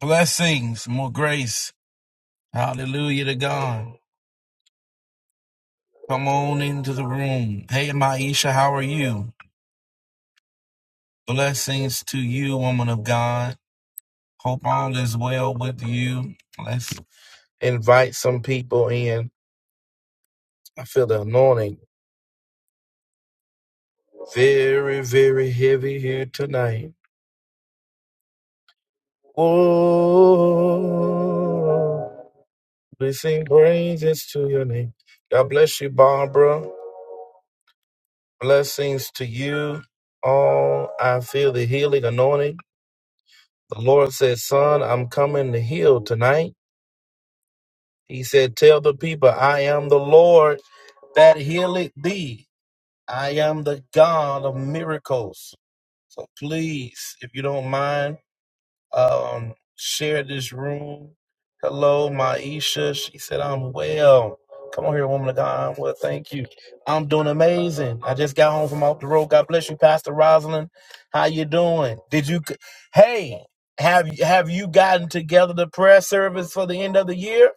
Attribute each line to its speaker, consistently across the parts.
Speaker 1: Blessings, more grace. Hallelujah to God. Come on into the room. Hey, Maisha, how are you? Blessings to you, woman of God. Hope all is well with you. Let's invite some people in. I feel the anointing very, very heavy here tonight. Oh, we sing praises to your name. God bless you, Barbara. Blessings to you all. I feel the healing anointing. The Lord said, Son, I'm coming to heal tonight. He said, Tell the people, I am the Lord that healeth thee. I am the God of miracles. So please, if you don't mind, Um, share this room. Hello, Maisha. She said, I'm well. Come on here, woman of God. I'm well, thank you. I'm doing amazing. I just got home from off the road. God bless you, Pastor Rosalind. How you doing? Did you, hey, have you, have you gotten together the prayer service for the end of the year?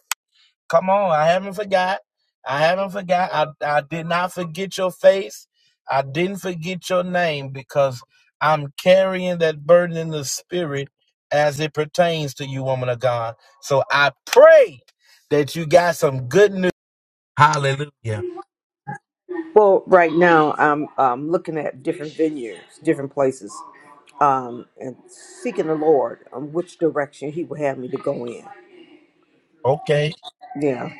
Speaker 1: Come on, I haven't forgot. I haven't forgot. I, I did not forget your face. I didn't forget your name because I'm carrying that burden in the spirit as it pertains to you, woman of God. So I pray that you got some good news. Hallelujah.
Speaker 2: Well, right now I'm um, looking at different venues, different places, um, and seeking the Lord on which direction He would have me to go in.
Speaker 1: Okay.
Speaker 2: Yeah,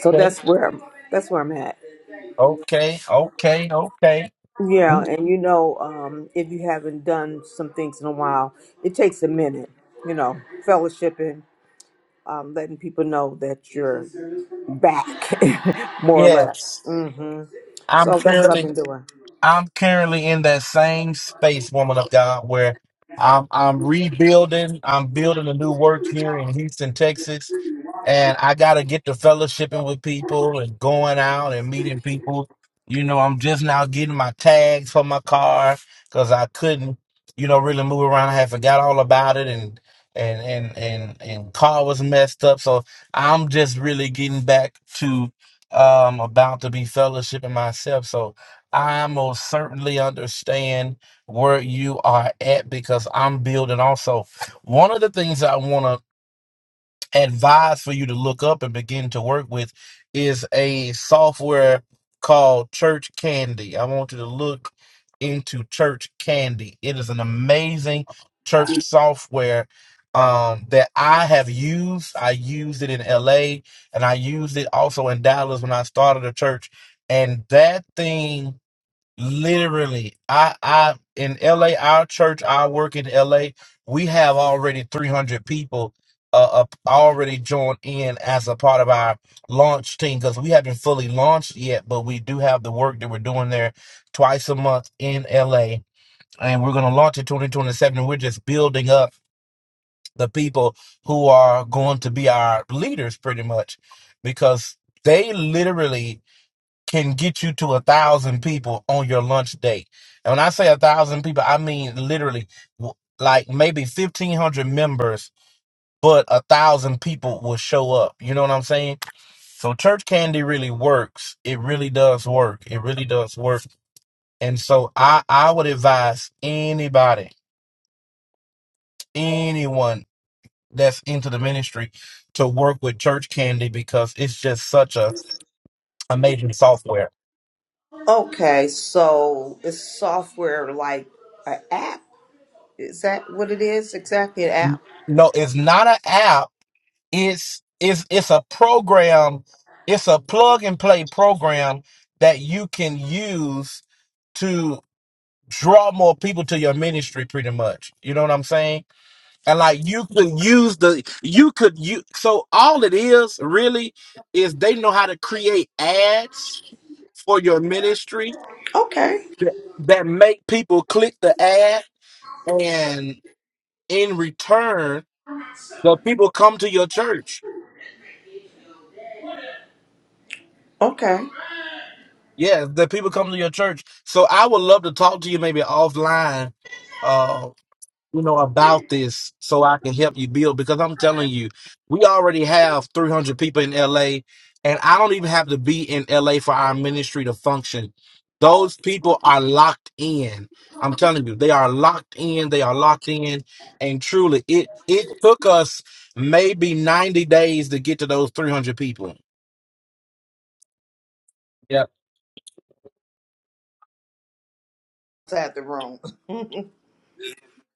Speaker 2: so that's where I'm, that's where I'm at.
Speaker 1: Okay. Okay. Okay.
Speaker 2: Yeah,
Speaker 1: We-
Speaker 2: and you know, um, if you haven't done some things in a while, it takes a minute. You know, fellowshipping, um, letting people know that you're back, more or less.
Speaker 1: Yes.
Speaker 2: hmm
Speaker 1: I'm
Speaker 2: So that's what
Speaker 1: carrying.
Speaker 2: I've been doing.
Speaker 1: I'm currently in that same space, woman of God, where I'm I'm rebuilding, I'm building a new work here in Houston, Texas. And I gotta get to fellowshipping with people and going out and meeting people. You know, I'm just now getting my tags for my car because I couldn't, you know, really move around. I had forgot all about it and and and and and car was messed up. So I'm just really getting back to um about to be fellowshipping myself. So I most certainly understand where you are at because I'm building also. One of the things I want to advise for you to look up and begin to work with is a software called Church Candy. I want you to look into Church Candy. It is an amazing church software um, that I have used. I used it in LA and I used it also in Dallas when I started a church. And that thing Literally, I, I in LA, our church, I work in LA. We have already 300 people uh, up already joined in as a part of our launch team because we haven't fully launched yet, but we do have the work that we're doing there twice a month in LA, and we're going to launch in 2027. And we're just building up the people who are going to be our leaders, pretty much, because they literally can get you to a thousand people on your lunch date. And when I say a thousand people, I mean literally w- like maybe fifteen hundred members, but a thousand people will show up. You know what I'm saying? So church candy really works. It really does work. It really does work. And so I I would advise anybody, anyone that's into the ministry to work with church candy because it's just such a amazing software.
Speaker 2: Okay, so it's software like an app. Is that what it is exactly? An app.
Speaker 1: No, it's not an app it's it's it's a program it's a plug and play program that you can use to draw more people to your ministry pretty much you know what i'm saying and like you could use the you could you so all it is really is they know how to create ads for your ministry
Speaker 2: Okay.
Speaker 1: that that make people click the ad and in return the people come to your church
Speaker 2: Okay.
Speaker 1: Yeah, that people come to your church. So I would love to talk to you maybe offline, uh, you know, about this so I can help you build because I'm telling you, we already have 300 people in LA and I don't even have to be in LA for our ministry to function. Those people are locked in. I'm telling you, they are locked in. They are locked in. And truly, it, it took us maybe 90 days to get to those 300 people. Yeah.
Speaker 2: Outside the room.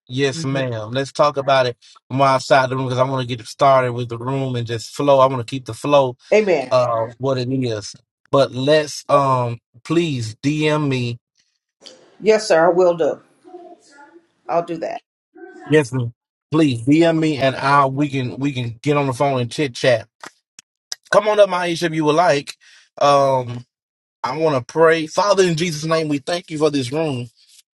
Speaker 1: Yes,
Speaker 2: Mhm.
Speaker 1: ma'am. Let's talk about it from our side of the room because I want to get started with the room and just flow. I want to keep the flow
Speaker 2: Amen.
Speaker 1: uh what it is. But let's um please DM me.
Speaker 2: Yes, sir. I will do. I'll do that.
Speaker 1: Yes, ma'am. Please DM me and I we can we can get on the phone and chit chat. Come on up, Maisha, if you would like. Um I want to pray. Father in Jesus' name, we thank you for this room.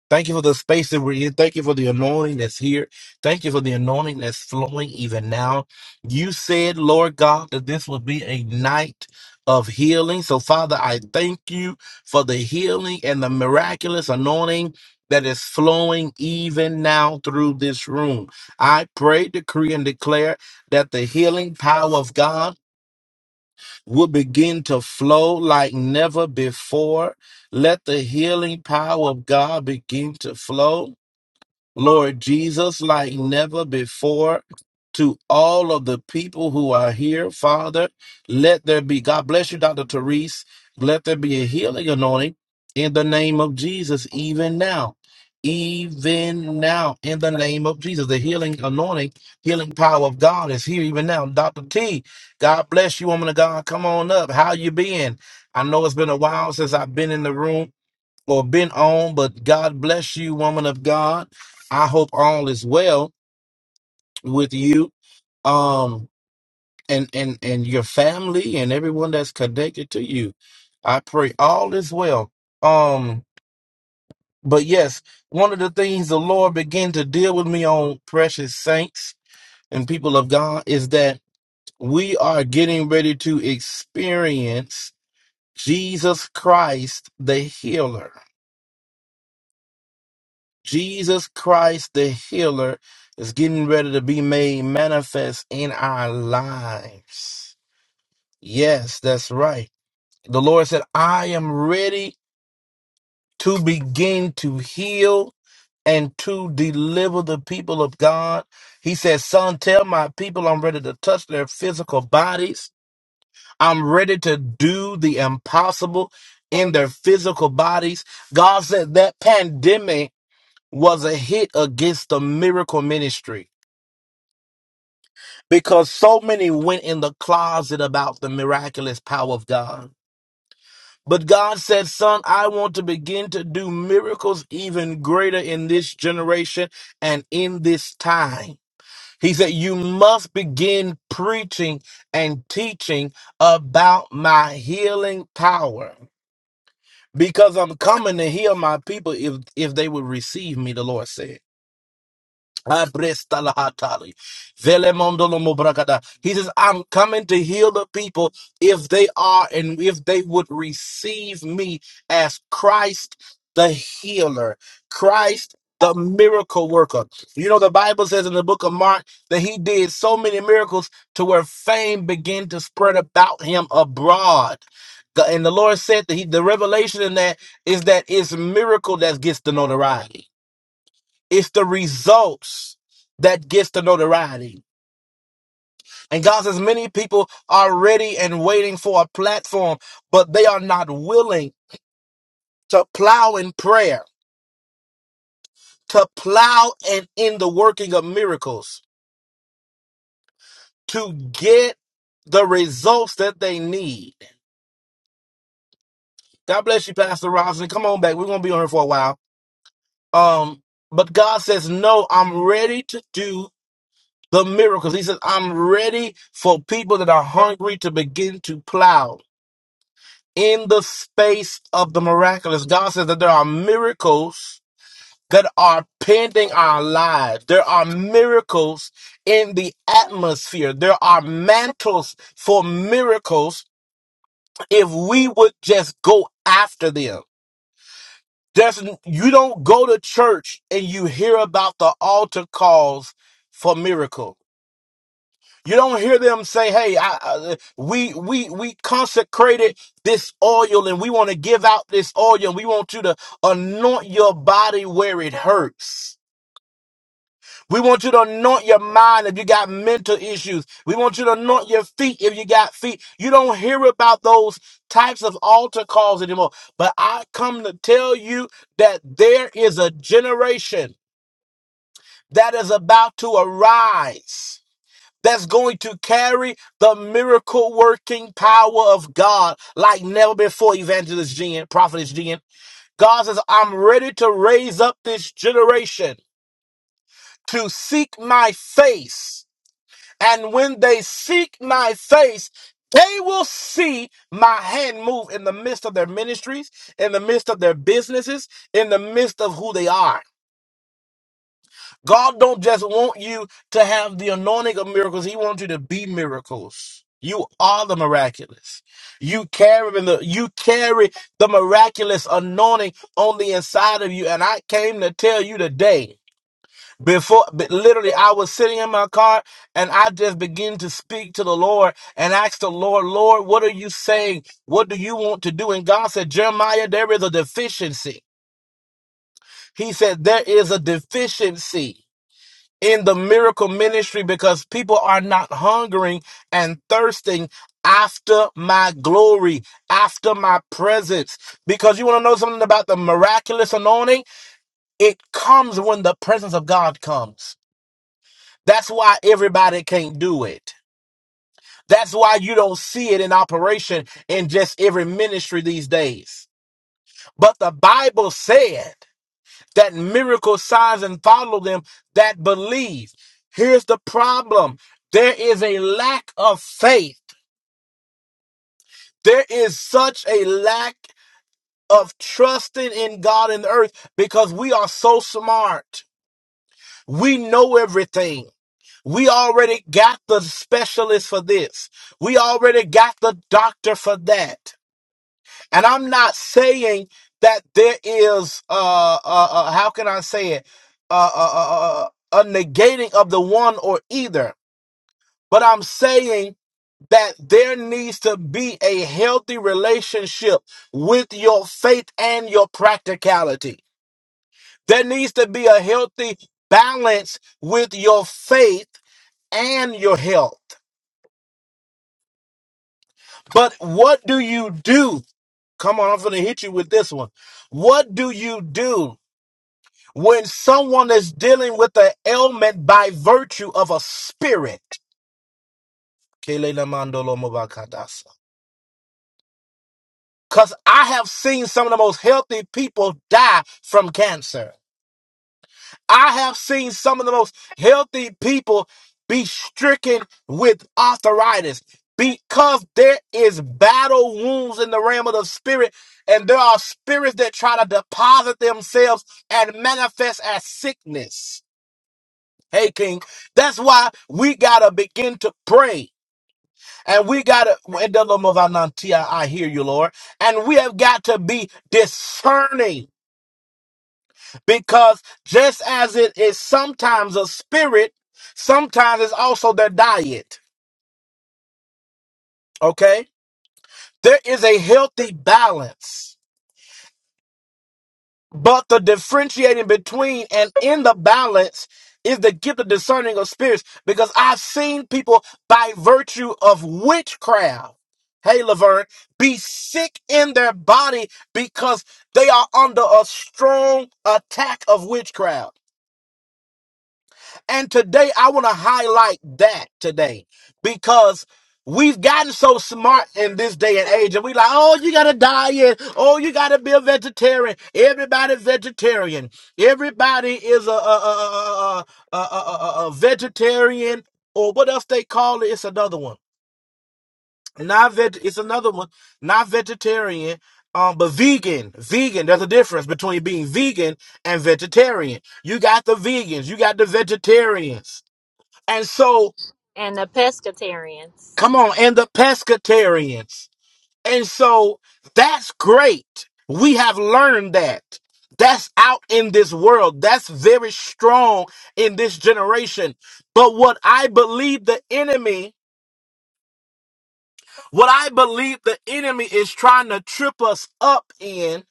Speaker 1: Thank you for the space that we're in. Thank you for the anointing that's here. Thank you for the anointing that's flowing even now. You said, Lord God, that this would be a night of healing. So, Father, I thank you for the healing and the miraculous anointing that is flowing even now through this room. I pray, decree, and declare that the healing power of God will begin to flow like never before. Let the healing power of God begin to flow. Lord Jesus, like never before. To all of the people who are here, Father, let there be, God bless you, Dr. Therese, let there be a healing anointing in the name of Jesus, even now, even now, in the name of Jesus. The healing anointing, healing power of God is here even now. Dr. T, God bless you, woman of God. Come on up. How you been? I know it's been a while since I've been in the room or been on, but God bless you, woman of God. I hope all is well with you, um, and and and your family and everyone that's connected to you. I pray all is well. Um, but yes, one of the things the Lord began to deal with me on, precious saints and people of God, is that we are getting ready to experience Jesus Christ, the healer. Jesus Christ, the healer, is getting ready to be made manifest in our lives. Yes, that's right. The Lord said, I am ready to begin to heal and to deliver the people of God. He said, Son, tell my people I'm ready to touch their physical bodies. I'm ready to do the impossible in their physical bodies. God said that pandemic was a hit against the miracle ministry because so many went in the closet about the miraculous power of God. But God said, Son, I want to begin to do miracles even greater in this generation and in this time. He said, You must begin preaching and teaching about my healing power because I'm coming to heal my people if, if they would receive me, the Lord said. Abrestalahatali. Velemondolomobrakada. He says, I'm coming to heal the people if they are and if they would receive me as Christ the healer, Christ the miracle worker. You know, the Bible says in the book of Mark that he did so many miracles to where fame began to spread about him abroad. The- And the Lord said that he, the revelation in that is that it's miracle that gets the notoriety it's the results that gets the notoriety. And God says many people are ready and waiting for a platform, but they are not willing to plow in prayer, to plow and in the working of miracles, to get the results that they need. God bless you, Pastor Robinson. Come on back. We're gonna be on here for a while. Um, but God says, No, I'm ready to do the miracles. He says, I'm ready for people that are hungry to begin to plow. in the space of the miraculous. God says that there are miracles that are pending our lives. There are miracles in the atmosphere. There are mantles for miracles if we would just go after them. There's, you don't go to church and you hear about the altar calls for miracles. You don't hear them say, "Hey, I, I, we we we consecrated this oil, and we want to give out this oil, and we want you to anoint your body where it hurts. We want you to anoint your mind if you got mental issues. We want you to anoint your feet if you got feet. You don't hear about those types of altar calls anymore. But I come to tell you that there is a generation that is about to arise." that's going to carry the miracle working power of God like never before, Evangelist Jen, Prophetess Jen. God says, I'm ready to raise up this generation to seek my face. And when they seek my face, they will see my hand move in the midst of their ministries, in the midst of their businesses, in the midst of who they are. God don't just want you to have the anointing of miracles. He wants you to be miracles. You are the miraculous. You carry the you carry the miraculous anointing on the inside of you. And I came to tell you today. Before but literally, I was sitting in my car and I just began to speak to the Lord and asked the Lord, Lord, what are you saying? What do you want to do? And God said, Jeremiah, there is a deficiency. He said, There is a deficiency in the miracle ministry because people are not hungering and thirsting after my glory, after my presence. Because you want to know something about the miraculous anointing? It comes when the presence of God comes. That's why everybody can't do it. That's why you don't see it in operation in just every ministry these days. But the Bible said that miracle signs and follow them that believe. Here's the problem. There is a lack of faith. There is such a lack of trusting in God and the earth because we are so smart. We know everything. We already got the specialist for this. We already got the doctor for that. And I'm not saying that there is, uh, uh, uh how can I say it, uh, uh, uh, uh, uh, a negating of the one or either. But I'm saying that there needs to be a healthy relationship with your faith and your practicality. There needs to be a healthy balance with your faith and your health. But what do you do? Come on, I'm going to hit you with this one. What do you do When someone is dealing with an ailment by virtue of a spirit. Because I have seen some of the most healthy people die from cancer. I have seen some of the most healthy people be stricken with arthritis because there is battle wounds in the realm of the spirit, and there are spirits that try to deposit themselves and manifest as sickness. Hey, King. That's why we gotta begin to pray. And we gotta I hear you, Lord. And we have got to be discerning because just as it is sometimes a spirit, sometimes it's also their diet. Okay? There is a healthy balance But the differentiating between and in the balance is the gift of discerning of spirits because I've seen people by virtue of witchcraft, hey Laverne, be sick in their body because they are under a strong attack of witchcraft. And today I want to highlight that today because we've gotten so smart in this day and age and we like, oh, you got to diet. Oh, you got to be a vegetarian. Everybody vegetarian. Everybody is a, a, a, a, a, a, a, a vegetarian or what else they call it. It's another one. Not veg. It's another one. Not vegetarian. Um, but vegan, vegan. There's a difference between being vegan and vegetarian. You got the vegans. You got the vegetarians and so,
Speaker 3: and the pescatarians.
Speaker 1: come on, and the pescatarians. And so that's great. We have learned that. That's out in this world. That's very strong in this generation. But what I believe the enemy, what I believe the enemy is trying to trip us up in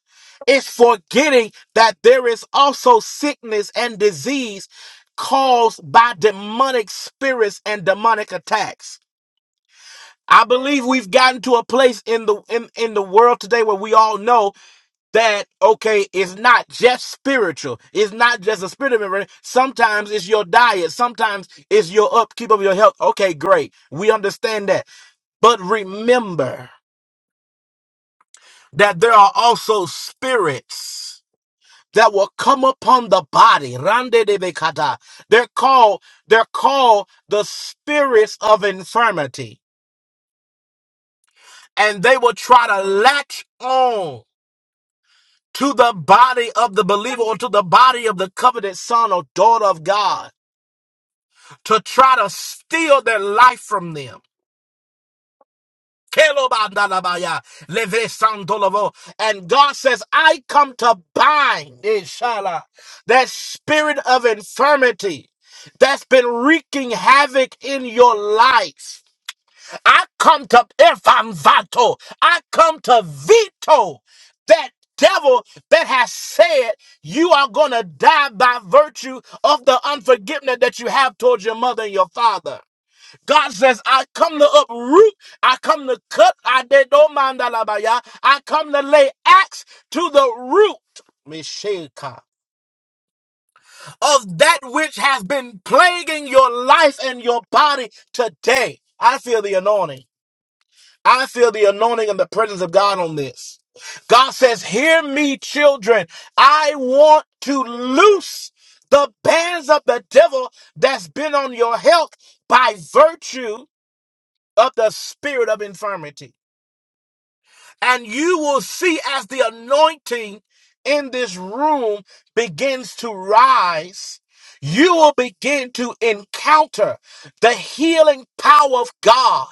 Speaker 1: is forgetting that there is also sickness and disease caused by demonic spirits and demonic attacks. I believe we've gotten to a place in the in, in the world today where we all know that okay, it's not just spiritual. It's not just a spirit of memory. Sometimes it's your diet. Sometimes it's your upkeep of your health. Okay, great. We understand that. But remember that there are also spirits that will come upon the body. Rande de bekata. They're called they're called the spirits of infirmity. And they will try to latch on to the body of the believer or to the body of the covenant son or daughter of God to try to steal their life from them. Kelobandalabaya, levesandolovo. And God says, I come to bind, inshallah, that spirit of infirmity that's been wreaking havoc in your life. I come to if I'm vato, I come to veto that devil that has said you are gonna die by virtue of the unforgiveness that you have towards your mother and your father. God says, I come to uproot, I come to cut, I did no man da la ba ya. I come to lay axe to the root. Mesheka, Of that which has been plaguing your life and your body today. I feel the anointing. I feel the anointing and the presence of God on this. God says, Hear me, children. I want to loose the bands of the devil that's been on your health by virtue of the spirit of infirmity. And you will see as the anointing in this room begins to rise, you will begin to encounter the healing power of God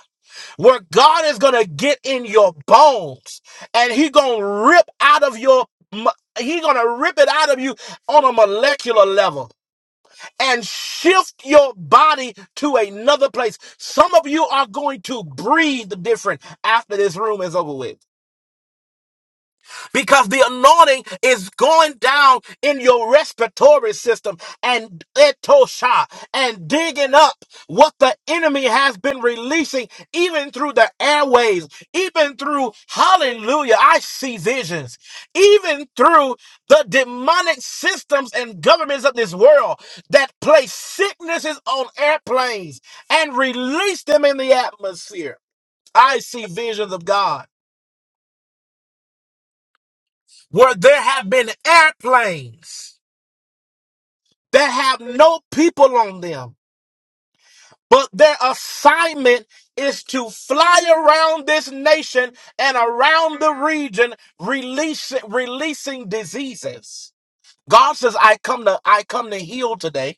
Speaker 1: where God is gonna get in your bones and He gonna rip out of your mo- He gonna rip it out of you on a molecular level and shift your body to another place. Some of you are going to breathe different after this room is over with because the anointing is going down in your respiratory system and etosha and digging up what the enemy has been releasing even through the airways even through hallelujah i see visions even through the demonic systems and governments of this world that place sicknesses on airplanes and release them in the atmosphere i see visions of god where there have been airplanes that have no people on them, but their assignment is to fly around this nation and around the region, releasing releasing diseases. God says, "I come to I come to heal today."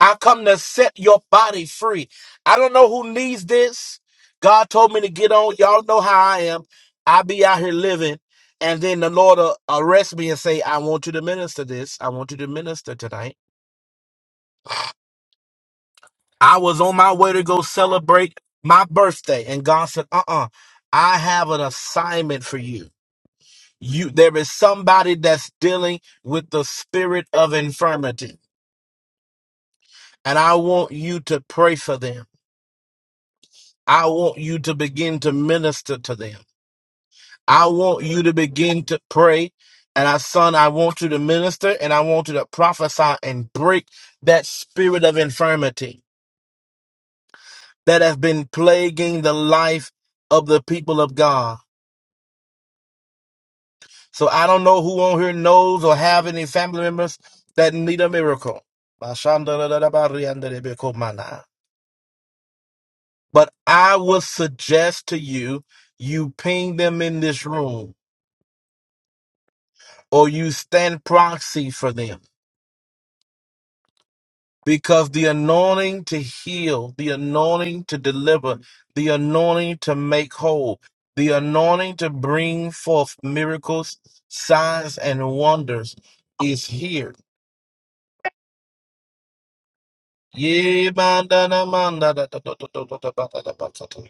Speaker 1: I come to set your body free. I don't know who needs this. God told me to get on. Y'all know how I am. I be out here living, and then the Lord will arrest me and say, I want you to minister this. I want you to minister tonight. I was on my way to go celebrate my birthday, and God said, Uh uh I have an assignment for you. You there is somebody that's dealing with the spirit of infirmity, and I want you to pray for them. I want you to begin to minister to them. I want you to begin to pray. And I, son, I want you to minister and I want you to prophesy and break that spirit of infirmity that has been plaguing the life of the people of God. So I don't know who on here knows or have any family members that need a miracle. But I would suggest to you, you ping them in this room or you stand proxy for them. Because the anointing to heal, the anointing to deliver, the anointing to make whole, the anointing to bring forth miracles, signs, and wonders is here. Yeah, man, da, da, man, da, da, da, da, da, da, da, da, da, da, da, da, da.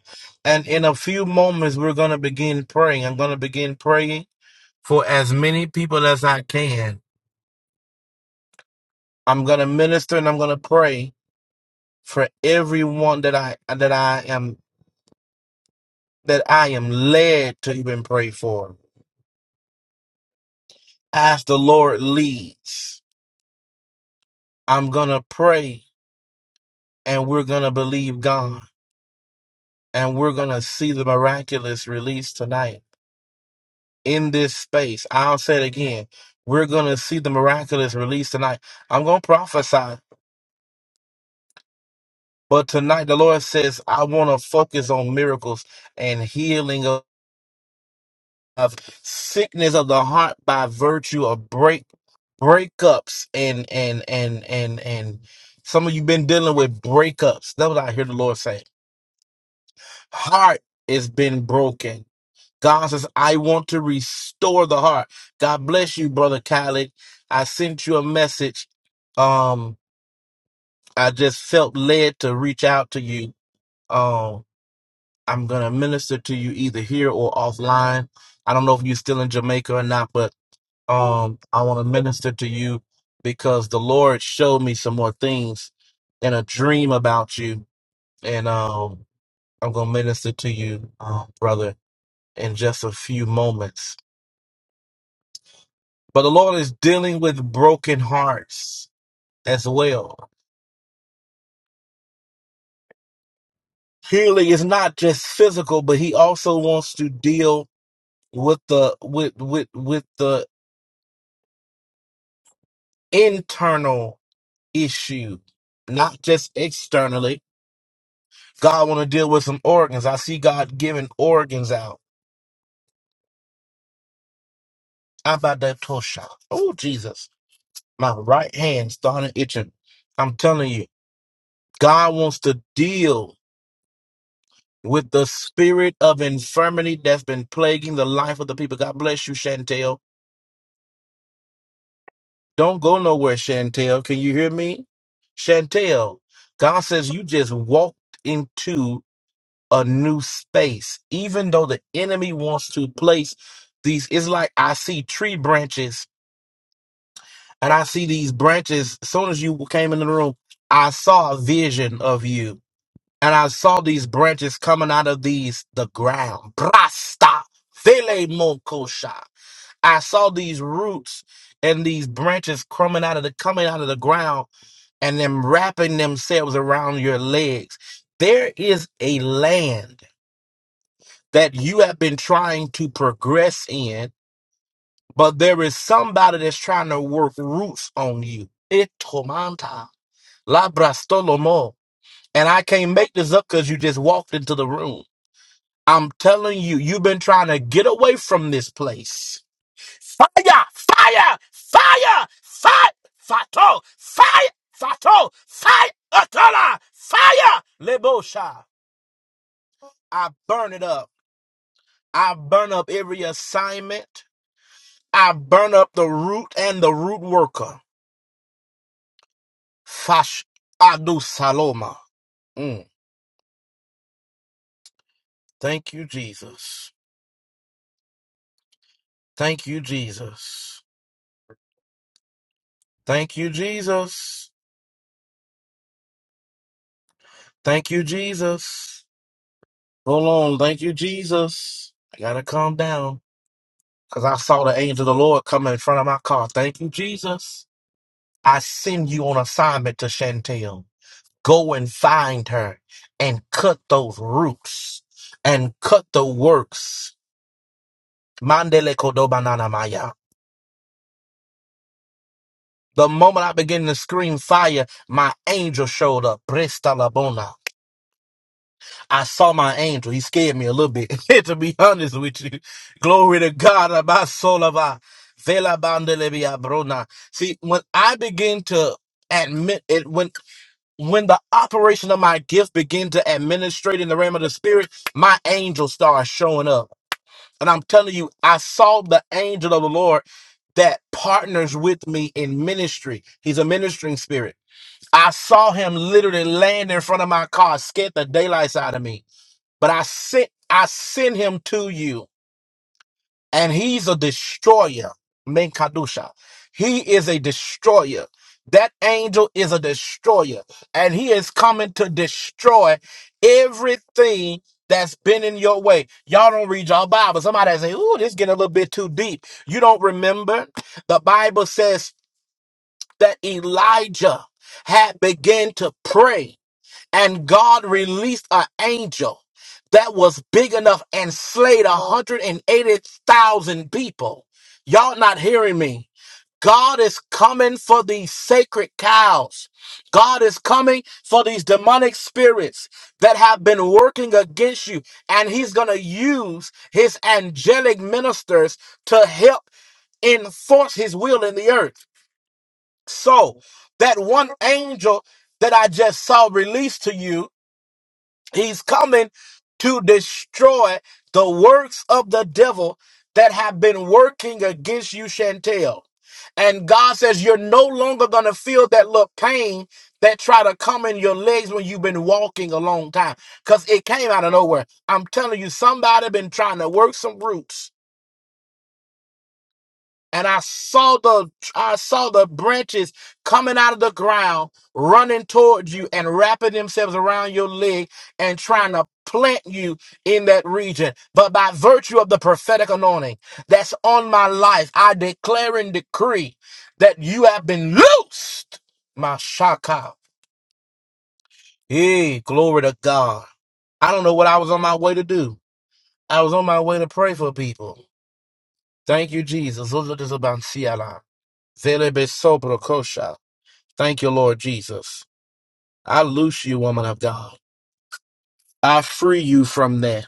Speaker 1: And in a few moments, we're going to begin praying. I'm going to begin praying for as many people as I can. I'm going to minister and I'm going to pray for everyone that I that I am that I am led to even pray for. As the Lord leads, I'm gonna pray and we're gonna believe God and we're gonna see the miraculous release tonight in this space. I'll say it again. We're gonna see the miraculous release tonight. I'm gonna prophesy, but tonight the Lord says I wanna focus on miracles and healing of, of sickness of the heart by virtue of breakthrough breakups and and and and and some of you been dealing with breakups. That's what I hear the Lord say. Heart has been broken. God says, I want to restore the heart. God bless you, brother Khaled. I sent you a message. Um, I just felt led to reach out to you. Um, I'm gonna minister to you either here or offline. I don't know if you're still in Jamaica or not, but Um, I want to minister to you because the Lord showed me some more things in a dream about you, and um, I'm gonna minister to you, um, brother, in just a few moments. But the Lord is dealing with broken hearts as well. Healing is not just physical, but He also wants to deal with the with with with the internal issue, not just externally God want to deal with some organs. I see God giving organs out. Abadetosha. Oh, Jesus. My right hand started itching. I'm telling you, God wants to deal with the spirit of infirmity that's been plaguing the life of the people. God bless you, Chantel. Don't go nowhere, Chantel. Can you hear me? Chantel, God says you just walked into a new space. Even though the enemy wants to place these, it's like I see tree branches and I see these branches. As soon as you came into the room, I saw a vision of you, and I saw these branches coming out of these the ground. Brasta vele mokosha. I saw these roots and these branches coming out of the coming out of the ground and them wrapping themselves around your legs. There is a land that you have been trying to progress in, but there is somebody that's trying to work roots on you. Itomanta. Labrastolomo. And I can't make this up because you just walked into the room. I'm telling you, you've been trying to get away from this place. Fire! Fire! Fire! Fire! Fato! Fire! Fato! Fire! Atola! Fire! Lebosha! I burn it up. I burn up every assignment. I burn up the root and the root worker. Fash Adu Saloma. Mm. Thank you, Jesus. Thank you, Jesus. Thank you, Jesus. Thank you, Jesus. Hold on. Thank you, Jesus. I gotta calm down. Cause I saw the angel of the Lord coming in front of my car. Thank you, Jesus. I send you on assignment to Chantel. Go and find her and cut those roots and cut the works. Mandele kodobanana maya. The moment I began to scream fire, my angel showed up. Presta labona. I saw my angel. He scared me a little bit. to be honest with you, glory to God. Abba, solava, vela bandelebia brona. See, when I begin to admit it, when when the operation of my gift begin to administrate in the realm of the spirit, my angel starts showing up. And I'm telling you, I saw the angel of the Lord that partners with me in ministry. He's a ministering spirit. I saw him literally laying in front of my car, scared the daylights out of me. But I sent I send him to you, and he's a destroyer. Men kadusha. He is a destroyer. That angel is a destroyer, and he is coming to destroy everything that's been in your way. Y'all don't read your Bible. Somebody say, "Ooh, this getting a little bit too deep." You don't remember the Bible says that Elijah had begun to pray and God released an angel that was big enough and slayed 180,000 people. Y'all not hearing me. God is coming for these sacred cows. God is coming for these demonic spirits that have been working against you. And he's going to use his angelic ministers to help enforce his will in the earth. So, that one angel that I just saw released to you He's coming to destroy the works of the devil that have been working against you, Chantel. And God says you're no longer gonna feel that little pain that try to come in your legs when you've been walking a long time. Cause it came out of nowhere. I'm telling you, somebody been trying to work some roots and I saw the I saw the branches coming out of the ground, running towards you and wrapping themselves around your leg and trying to plant you in that region. But by virtue of the prophetic anointing that's on my life, I declare and decree that you have been loosed. My shaka. Hey, glory to God. I don't know what I was on my way to do. I was on my way to pray for people. Thank you, Jesus. Zelebesoprakosha. Thank you, Lord Jesus. I loose you, woman of God. I free you from that.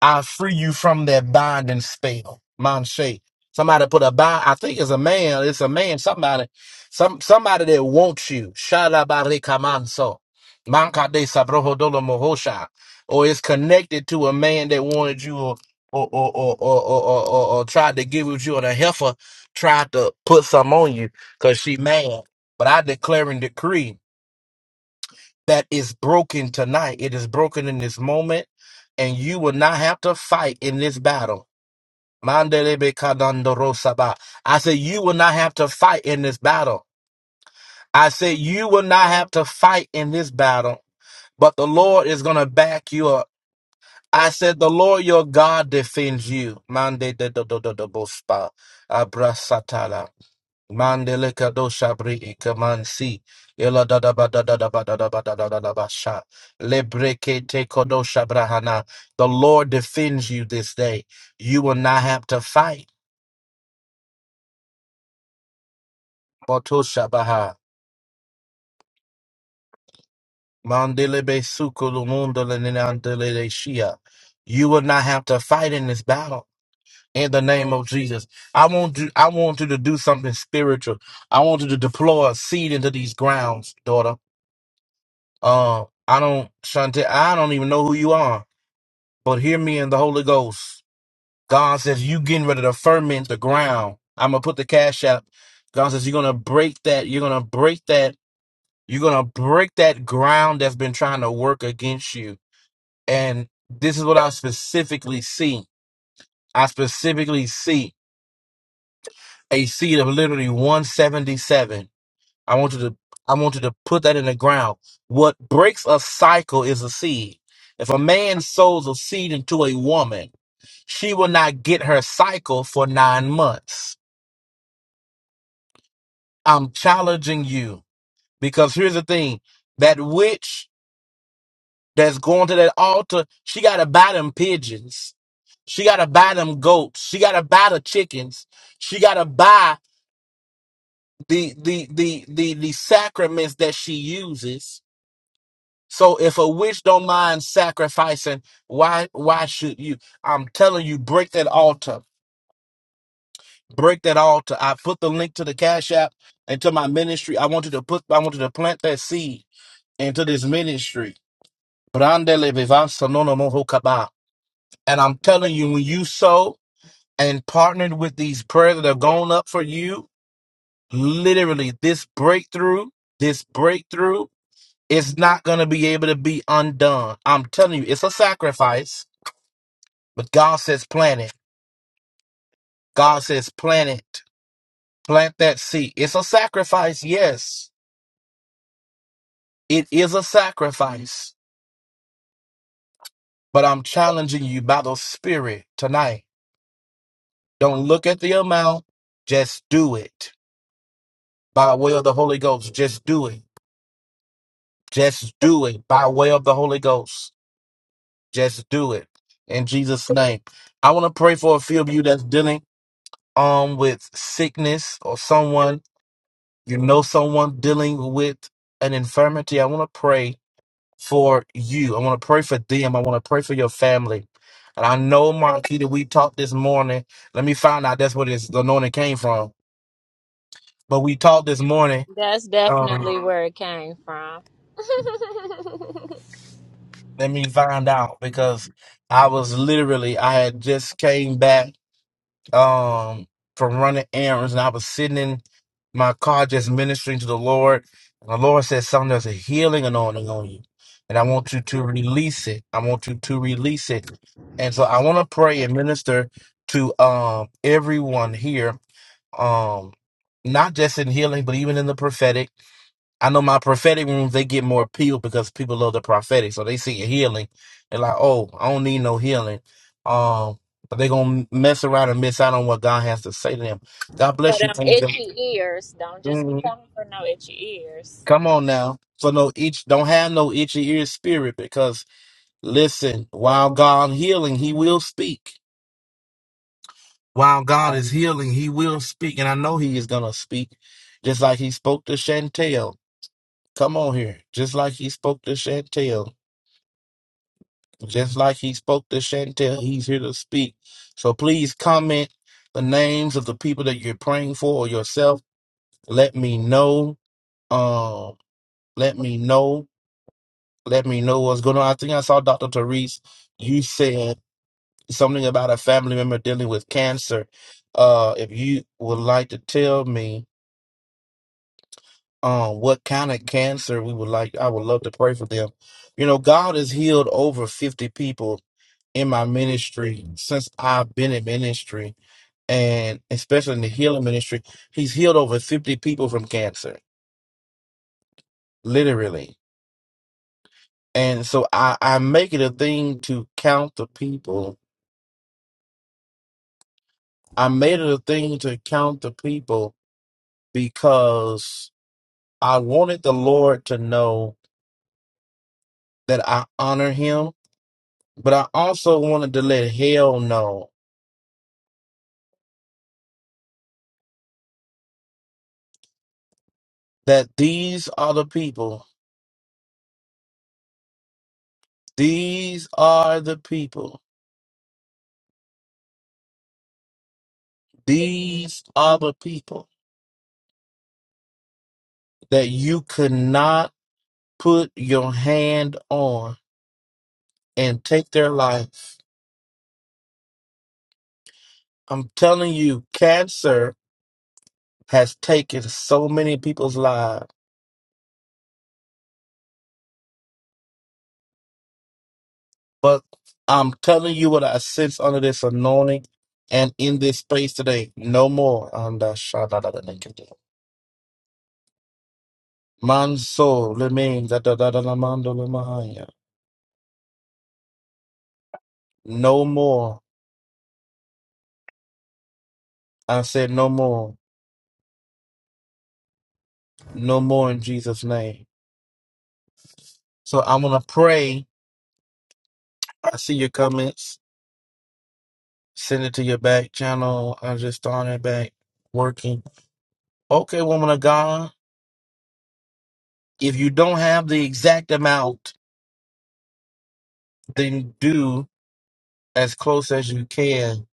Speaker 1: I free you from that binding spell. Mom Shay. Somebody put a bind. I think it's a man. It's a man. Somebody, some somebody that wants you. Shalabari kamanso. Manka de sabroho dolo mohosha. Or it's connected to a man that wanted you or or or or or, or, or, or, or tried to give with you or a heifer tried to put some on you because she mad. But I declare and decree that is broken tonight. It is broken in this moment, and you will not have to fight in this battle. Mandelebe kadandorosaba. I say you will not have to fight in this battle. I say you will not have to fight in this battle, but the Lord is going to back you up. I said the Lord your God defends you. Mande de do do do do bospa. Abrasatala. Mandele kado shabri ikamansi. Ela da da ba da da da ba da da ba da da da da ba sha. Lebreke te kodo shabrahana. The Lord defends you this day. You will not have to fight. Boto shabaha. Mandele be sukulu mundo le ninandele de shia. You will not have to fight in this battle. In the name of Jesus, I want you. I want you to do something spiritual. I want you to deploy a seed into these grounds, daughter. Um, I don't, Shante, I don't even know who you are, but hear me in the Holy Ghost. God says, You getting ready to ferment the ground. I'm going to put the cash out. God says, You're going to break that. You're going to break that. You're going to break that ground that's been trying to work against you. And this is what I specifically see. I specifically see a seed of literally 177. I want you to I want you to put that in the ground. What breaks a cycle is a seed. If a man sows a seed into a woman, she will not get her cycle for nine months. I'm challenging you because here's the thing that witch that's going to that altar, she got to buy them pigeons. She got to buy them goats. She got to buy the chickens. She got to buy the, the, the, the, the sacraments that she uses So if a witch don't mind sacrificing, why why should you? I'm telling you, break that altar. Break that altar. I put the link to the Cash App and to my ministry. I wanted to put I wanted to plant that seed into this ministry. Brandele vivanza nono moho kaba. And I'm telling you, when you sow and partnered with these prayers that have gone up for you, literally this breakthrough, this breakthrough is not gonna be able to be undone. I'm telling you, it's a sacrifice But God says plant it. God says plant it. Plant that seed. It's a sacrifice, yes. It is a sacrifice. But I'm challenging you by the Spirit tonight. Don't look at the amount. Just do it by way of the Holy Ghost. Just do it. Just do it by way of the Holy Ghost. Just do it in Jesus' name. I want to pray for a few of you that's dealing um with sickness or someone you know someone dealing with an infirmity. I want to pray for you. I want to pray for them. I want to pray for your family. And I know, Marquita, that we talked this morning. Let me find out that's where this the anointing came from. But we talked this morning.
Speaker 3: That's
Speaker 1: Um,
Speaker 3: definitely where it came from.
Speaker 1: let me find out because I was literally I had just came back. um, from running errands, and I was sitting in my car just ministering to the Lord. And the Lord said, Son, there's a healing anointing on you. And I want you to release it. I want you to release it. And so I want to pray and minister to um everyone here. Um not just in healing, but even in the prophetic. I know my prophetic rooms, they get more appeal because people love the prophetic. So they see a healing. They're like, oh, I don't need no healing. Um, but they're going to mess around and miss out on what God has to say to them. God
Speaker 3: For
Speaker 1: bless you,
Speaker 3: them
Speaker 1: Angel.
Speaker 3: itchy ears. Don't just be
Speaker 1: Mhm.
Speaker 3: coming for no itchy ears.
Speaker 1: Come on now. So no itch, don't have no itchy ear spirit because listen, while God healing, he will speak. While God is healing, he will speak. And I know he is going to speak just like he spoke to Chantel. Come on here. Just like he spoke to Chantel. Just like he spoke to Chantel, he's here to speak. So please comment the names of the people that you're praying for or yourself. Let me know. Um, let me know. Let me know what's going on. I think I saw Dr. Therese. You said something about a family member dealing with cancer. Uh, if you would like to tell me um what kind of cancer we would like, I would love to pray for them. You know, God has healed over 50 people in my ministry since I've been in ministry, and especially in the healing ministry, he's healed over 50 people from cancer, literally. And so I, I make it a thing to count the people. I made it a thing to count the people because I wanted the Lord to know that I honor him, but I also wanted to let hell know that these are the people. These are the people. These are the people that you could not put your hand on and take their life. I'm telling you, cancer has taken so many people's lives. But I'm telling you what I sense under this anointing and in this space today. No more. And uh, shadadadadakada. Manso lemin dadadadalamando lemahaya. No more. I said no more. No more in Jesus' name. So I'm gonna pray. I see your comments. Send it to your back channel. I just started back working. Okay, woman of God. If you don't have the exact amount, then do as close as you can.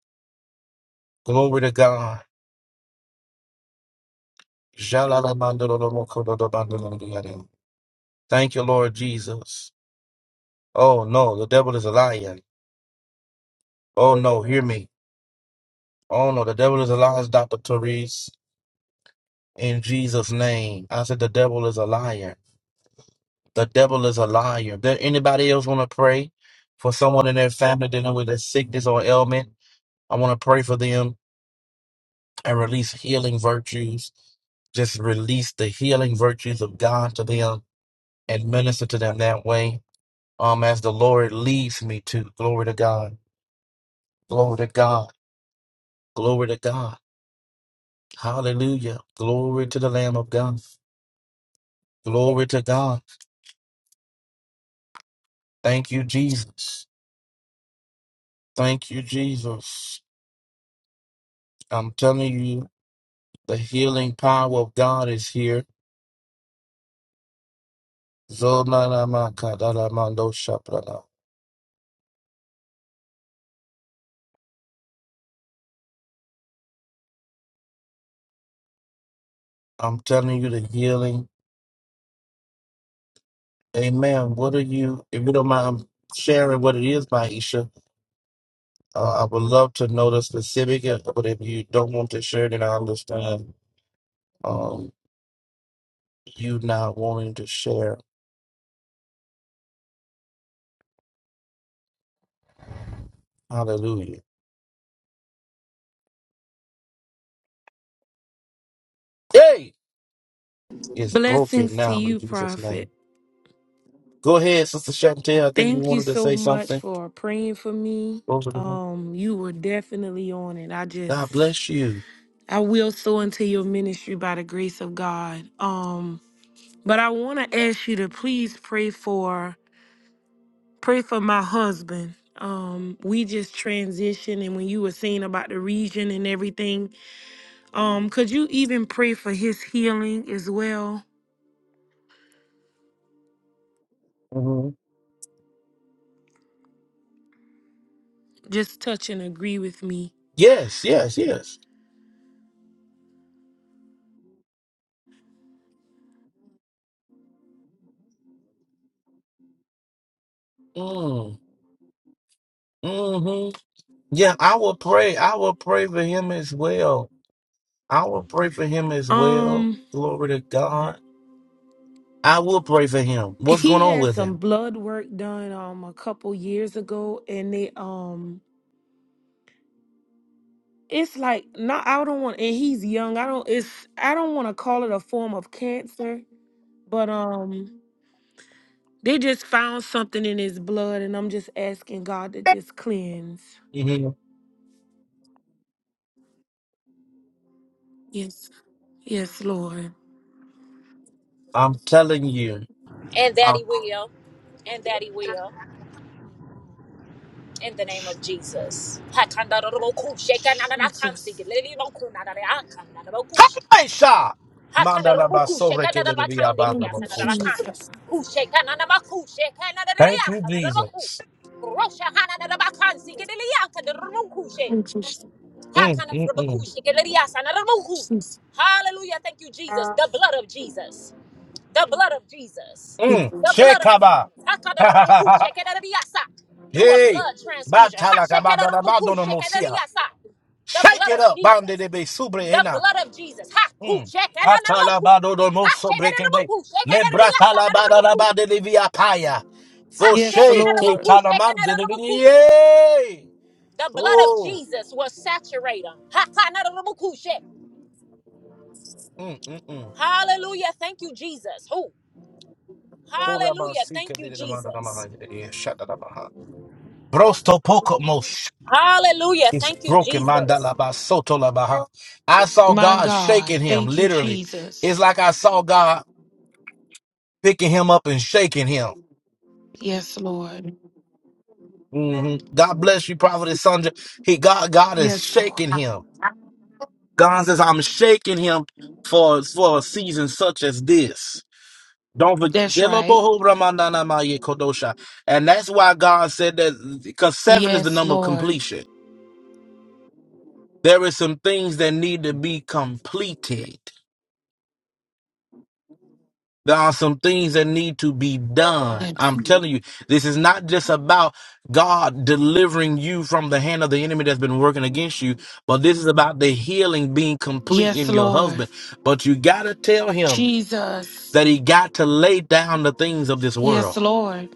Speaker 1: Glory to God. Shalalabandalalamakododabandalalabayada. Thank you, Lord Jesus. Oh no, the devil is a lion. Oh no, hear me. Oh no, the devil is a liar, Dr. Therese. In Jesus' name. I said the devil is a liar. The devil is a liar. There anybody else want to pray for someone in their family dealing with a sickness or ailment? I want to pray for them and release healing virtues. Just release the healing virtues of God to them and minister to them that way. Um, as the Lord leads me to. Glory to God. Glory to God. Glory to God. Hallelujah. Glory to the Lamb of God. Glory to God. Thank you, Jesus. Thank you, Jesus. I'm telling you. The healing power of God is here. Zolanamakadarabandoshaprana. I'm telling you the healing. Amen. What are you, if you don't mind sharing what it is, Maisha, uh, I would love to know the specific, uh, but if you don't want to share, then I understand um, you not wanting to share. Hallelujah. Hey! It's broken
Speaker 4: Blessings to
Speaker 1: now in
Speaker 4: you,
Speaker 1: Jesus'
Speaker 4: Prophet.
Speaker 1: name. Go ahead, Sister Chantel. I think you
Speaker 4: Thank you
Speaker 1: wanted to
Speaker 4: so
Speaker 1: say
Speaker 4: much
Speaker 1: something.
Speaker 4: for praying for me.
Speaker 1: Over to you.
Speaker 4: Um, you were definitely on it. I just
Speaker 1: God bless you.
Speaker 4: I will sow into your ministry by the grace of God. Um, but I want to ask you to please pray for pray for my husband. Um, we just transitioned and when you were saying about the region and everything, um, could you even pray for his healing as well?
Speaker 1: Mhm.
Speaker 4: Just touch and agree with me.
Speaker 1: Yes, yes, yes. Mm, hmm Yeah, I will pray. I will pray for him as well. I will pray for him as well.
Speaker 4: Um,
Speaker 1: Glory to God. I will pray for him. What's going
Speaker 4: He
Speaker 1: on
Speaker 4: had
Speaker 1: with
Speaker 4: some
Speaker 1: him?
Speaker 4: blood work done um a couple years ago, and they um it's like not I don't want and he's young. I don't it's I don't want to call it a form of cancer, but um they just found something in his blood, and I'm just asking God to just cleanse.
Speaker 1: hmm
Speaker 4: Yes, yes, Lord.
Speaker 1: I'm telling you.
Speaker 3: And that
Speaker 1: I'm
Speaker 3: he will. And that he will. In the name of Jesus.
Speaker 4: Jesus.
Speaker 1: Kaisha! Mandala basore kedelebiya
Speaker 4: Thank
Speaker 1: baraba
Speaker 4: you, Jesus.
Speaker 1: Thank you, Jesus.
Speaker 4: Thank you,
Speaker 1: Mm,
Speaker 3: Hakana
Speaker 1: mm,
Speaker 3: rabaku,
Speaker 1: mm.
Speaker 3: shikeleriasa na Akanarabakushikeleriasanarabuku.
Speaker 4: Jesus.
Speaker 3: Hallelujah. Thank you, Jesus. The blood of Jesus. The blood of Jesus.
Speaker 1: Mm.
Speaker 3: The blood of
Speaker 1: Shekaba.
Speaker 3: Jesus. Hakanarabukushikeleriasa. Do a
Speaker 1: Hey.
Speaker 3: blood transfusion.
Speaker 1: Batala kabada badono mosia.
Speaker 3: Hashekelerabukushikeleriasa. The
Speaker 1: Shake
Speaker 3: blood
Speaker 1: it
Speaker 3: of
Speaker 1: up. Bande
Speaker 3: Jesus.
Speaker 1: de be
Speaker 3: The blood of Jesus. Ha ku
Speaker 1: Mm.
Speaker 3: shekanarabuku.
Speaker 1: Katalabado do
Speaker 3: Ha
Speaker 1: moso brekende.
Speaker 3: shekanarabuku.
Speaker 1: Lebratalabada
Speaker 3: Shekanariasanarabuku.
Speaker 1: labade livia paya.
Speaker 3: Ha
Speaker 4: Yes,
Speaker 1: Foshe ke
Speaker 4: Lord.
Speaker 3: shekanarabuku.
Speaker 1: talamande
Speaker 3: Shekanarabuku.
Speaker 1: liviye.
Speaker 3: The blood of
Speaker 1: Oh.
Speaker 3: Jesus will saturate them.
Speaker 1: Mm, mm, mm.
Speaker 3: Hallelujah. Thank you, Jesus. Who?
Speaker 1: Koraba
Speaker 3: Hallelujah. Thank
Speaker 1: sike
Speaker 3: you,
Speaker 1: de de manda da maha
Speaker 3: Jesus.
Speaker 1: de de shata da maha. Brosto poko mosh
Speaker 3: Hallelujah.
Speaker 1: is
Speaker 3: Thank you,
Speaker 1: broken
Speaker 3: Jesus.
Speaker 1: mandala ba soto labaha. I saw
Speaker 4: My
Speaker 1: God
Speaker 4: God.
Speaker 1: shaking him,
Speaker 4: Thank you,
Speaker 1: literally. It's
Speaker 4: Jesus.
Speaker 1: like I saw God picking him up and shaking him.
Speaker 4: Yes, Lord.
Speaker 1: Mhm. God bless you, Prophet Sandra. He God God is
Speaker 4: Yes, Lord.
Speaker 1: shaking him. God says, I'm shaking him for, for a season such as this. Don't
Speaker 4: That's
Speaker 1: forget.
Speaker 4: right.
Speaker 1: And that's why God said that because seven is the
Speaker 4: Yes,
Speaker 1: number of
Speaker 4: Lord.
Speaker 1: completion. There is some things that need to be completed. There are some things that need to be done.
Speaker 4: Yes.
Speaker 1: I'm telling you, this is not just about God delivering you from the hand of the enemy that's been working against you, but this is about the healing being complete
Speaker 4: Yes,
Speaker 1: in your
Speaker 4: Lord.
Speaker 1: husband. But you got to tell him
Speaker 4: Jesus.
Speaker 1: that he got to lay down the things of this
Speaker 4: Yes,
Speaker 1: world
Speaker 4: Lord.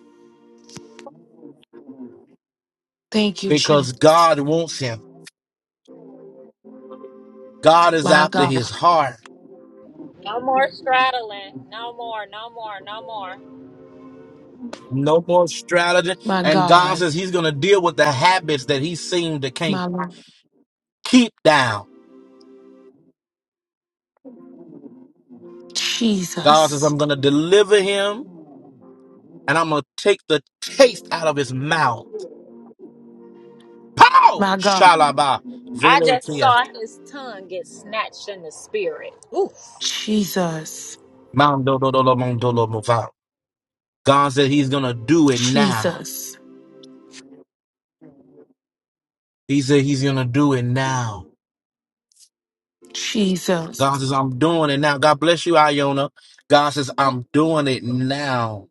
Speaker 4: Thank you,
Speaker 1: because
Speaker 4: Jesus.
Speaker 1: God wants him. God is
Speaker 4: My
Speaker 1: after
Speaker 4: God.
Speaker 1: his heart.
Speaker 3: No more straddling. No more. No more. No more.
Speaker 1: No more strategy.
Speaker 4: My
Speaker 1: And God
Speaker 4: God.
Speaker 1: says he's going to deal with the habits that he seemed to can't
Speaker 4: My Lord.
Speaker 1: keep down. God says,
Speaker 4: Jesus.
Speaker 1: I'm going to deliver him and I'm going to take the taste out of his mouth. Pow!
Speaker 4: My God.
Speaker 1: Shalaba.
Speaker 3: I just
Speaker 1: Velotia.
Speaker 3: saw his tongue get snatched in the spirit. Oof.
Speaker 4: Jesus.
Speaker 1: Mandododolo, mondolo, mova. God said he's going to do it now.
Speaker 4: Jesus.
Speaker 1: He said he's going to do it now. God
Speaker 4: Jesus.
Speaker 1: says, I'm doing it now. God bless you, Iona. God says, I'm doing it now.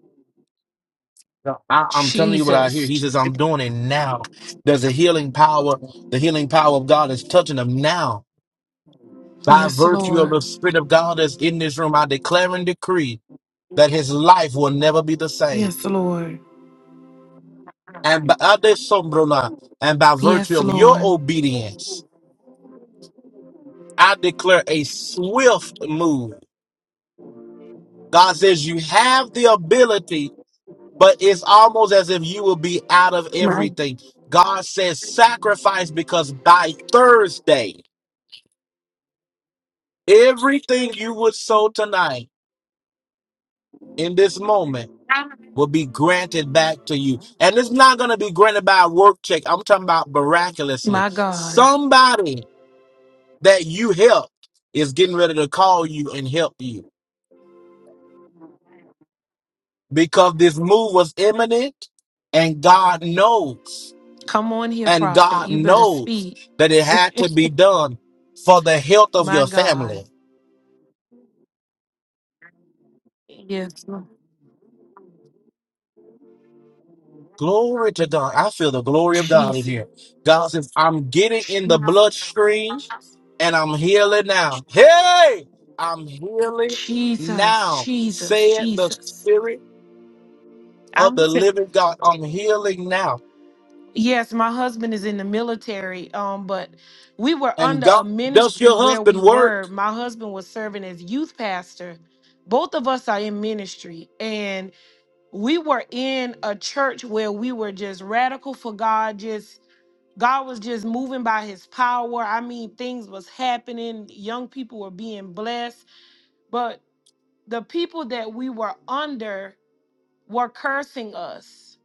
Speaker 1: No, I, I'm telling you what I hear.
Speaker 4: Jesus.
Speaker 1: He says, I'm doing it now. There's a healing power. The healing power of God is touching them now. By
Speaker 4: Yes,
Speaker 1: virtue of the
Speaker 4: Lord.
Speaker 1: Spirit of God that's in this room, I declare and decree that his life will never be the same.
Speaker 4: Yes, Lord.
Speaker 1: And by, Ade Sombrona, and by virtue
Speaker 4: Yes,
Speaker 1: of your
Speaker 4: Lord.
Speaker 1: obedience, I declare a swift move. God says, You have the ability but it's almost as if you will be out of
Speaker 4: My,
Speaker 1: everything. God says sacrifice because by Thursday, everything you would sow tonight in this moment will be granted back to you. And it's not going to be granted by a work check. I'm talking about miraculously.
Speaker 4: my God.
Speaker 1: Somebody that you helped is getting ready to call you and help you because this move was imminent and God knows.
Speaker 4: Come on here,
Speaker 1: And
Speaker 4: prophet.
Speaker 1: God
Speaker 4: You better
Speaker 1: knows
Speaker 4: speak.
Speaker 1: that it had to be done for the health of
Speaker 4: My
Speaker 1: your
Speaker 4: God.
Speaker 1: family.
Speaker 4: Yes, Lord.
Speaker 1: Glory to God. I feel the glory of God in here. God says, I'm getting in the
Speaker 4: Jesus,
Speaker 1: bloodstream and I'm healing now. Hey, I'm healing
Speaker 4: Jesus,
Speaker 1: now,
Speaker 4: Jesus,
Speaker 1: said the
Speaker 4: Jesus.
Speaker 1: Spirit of
Speaker 4: I'm
Speaker 1: the
Speaker 4: t-
Speaker 1: living God. I'm healing now.
Speaker 4: yes, my husband is in the military. Um, but we were
Speaker 1: And
Speaker 4: under
Speaker 1: God,
Speaker 4: a
Speaker 1: does
Speaker 4: ministry
Speaker 1: your
Speaker 4: where we
Speaker 1: husband work?
Speaker 4: were. My husband was serving as youth pastor. Both of us are in ministry, and we were in a church where we were just radical for God. Just God was just moving by His power. I mean, things was happening. Young people were being blessed, but the people that we were under were cursing us.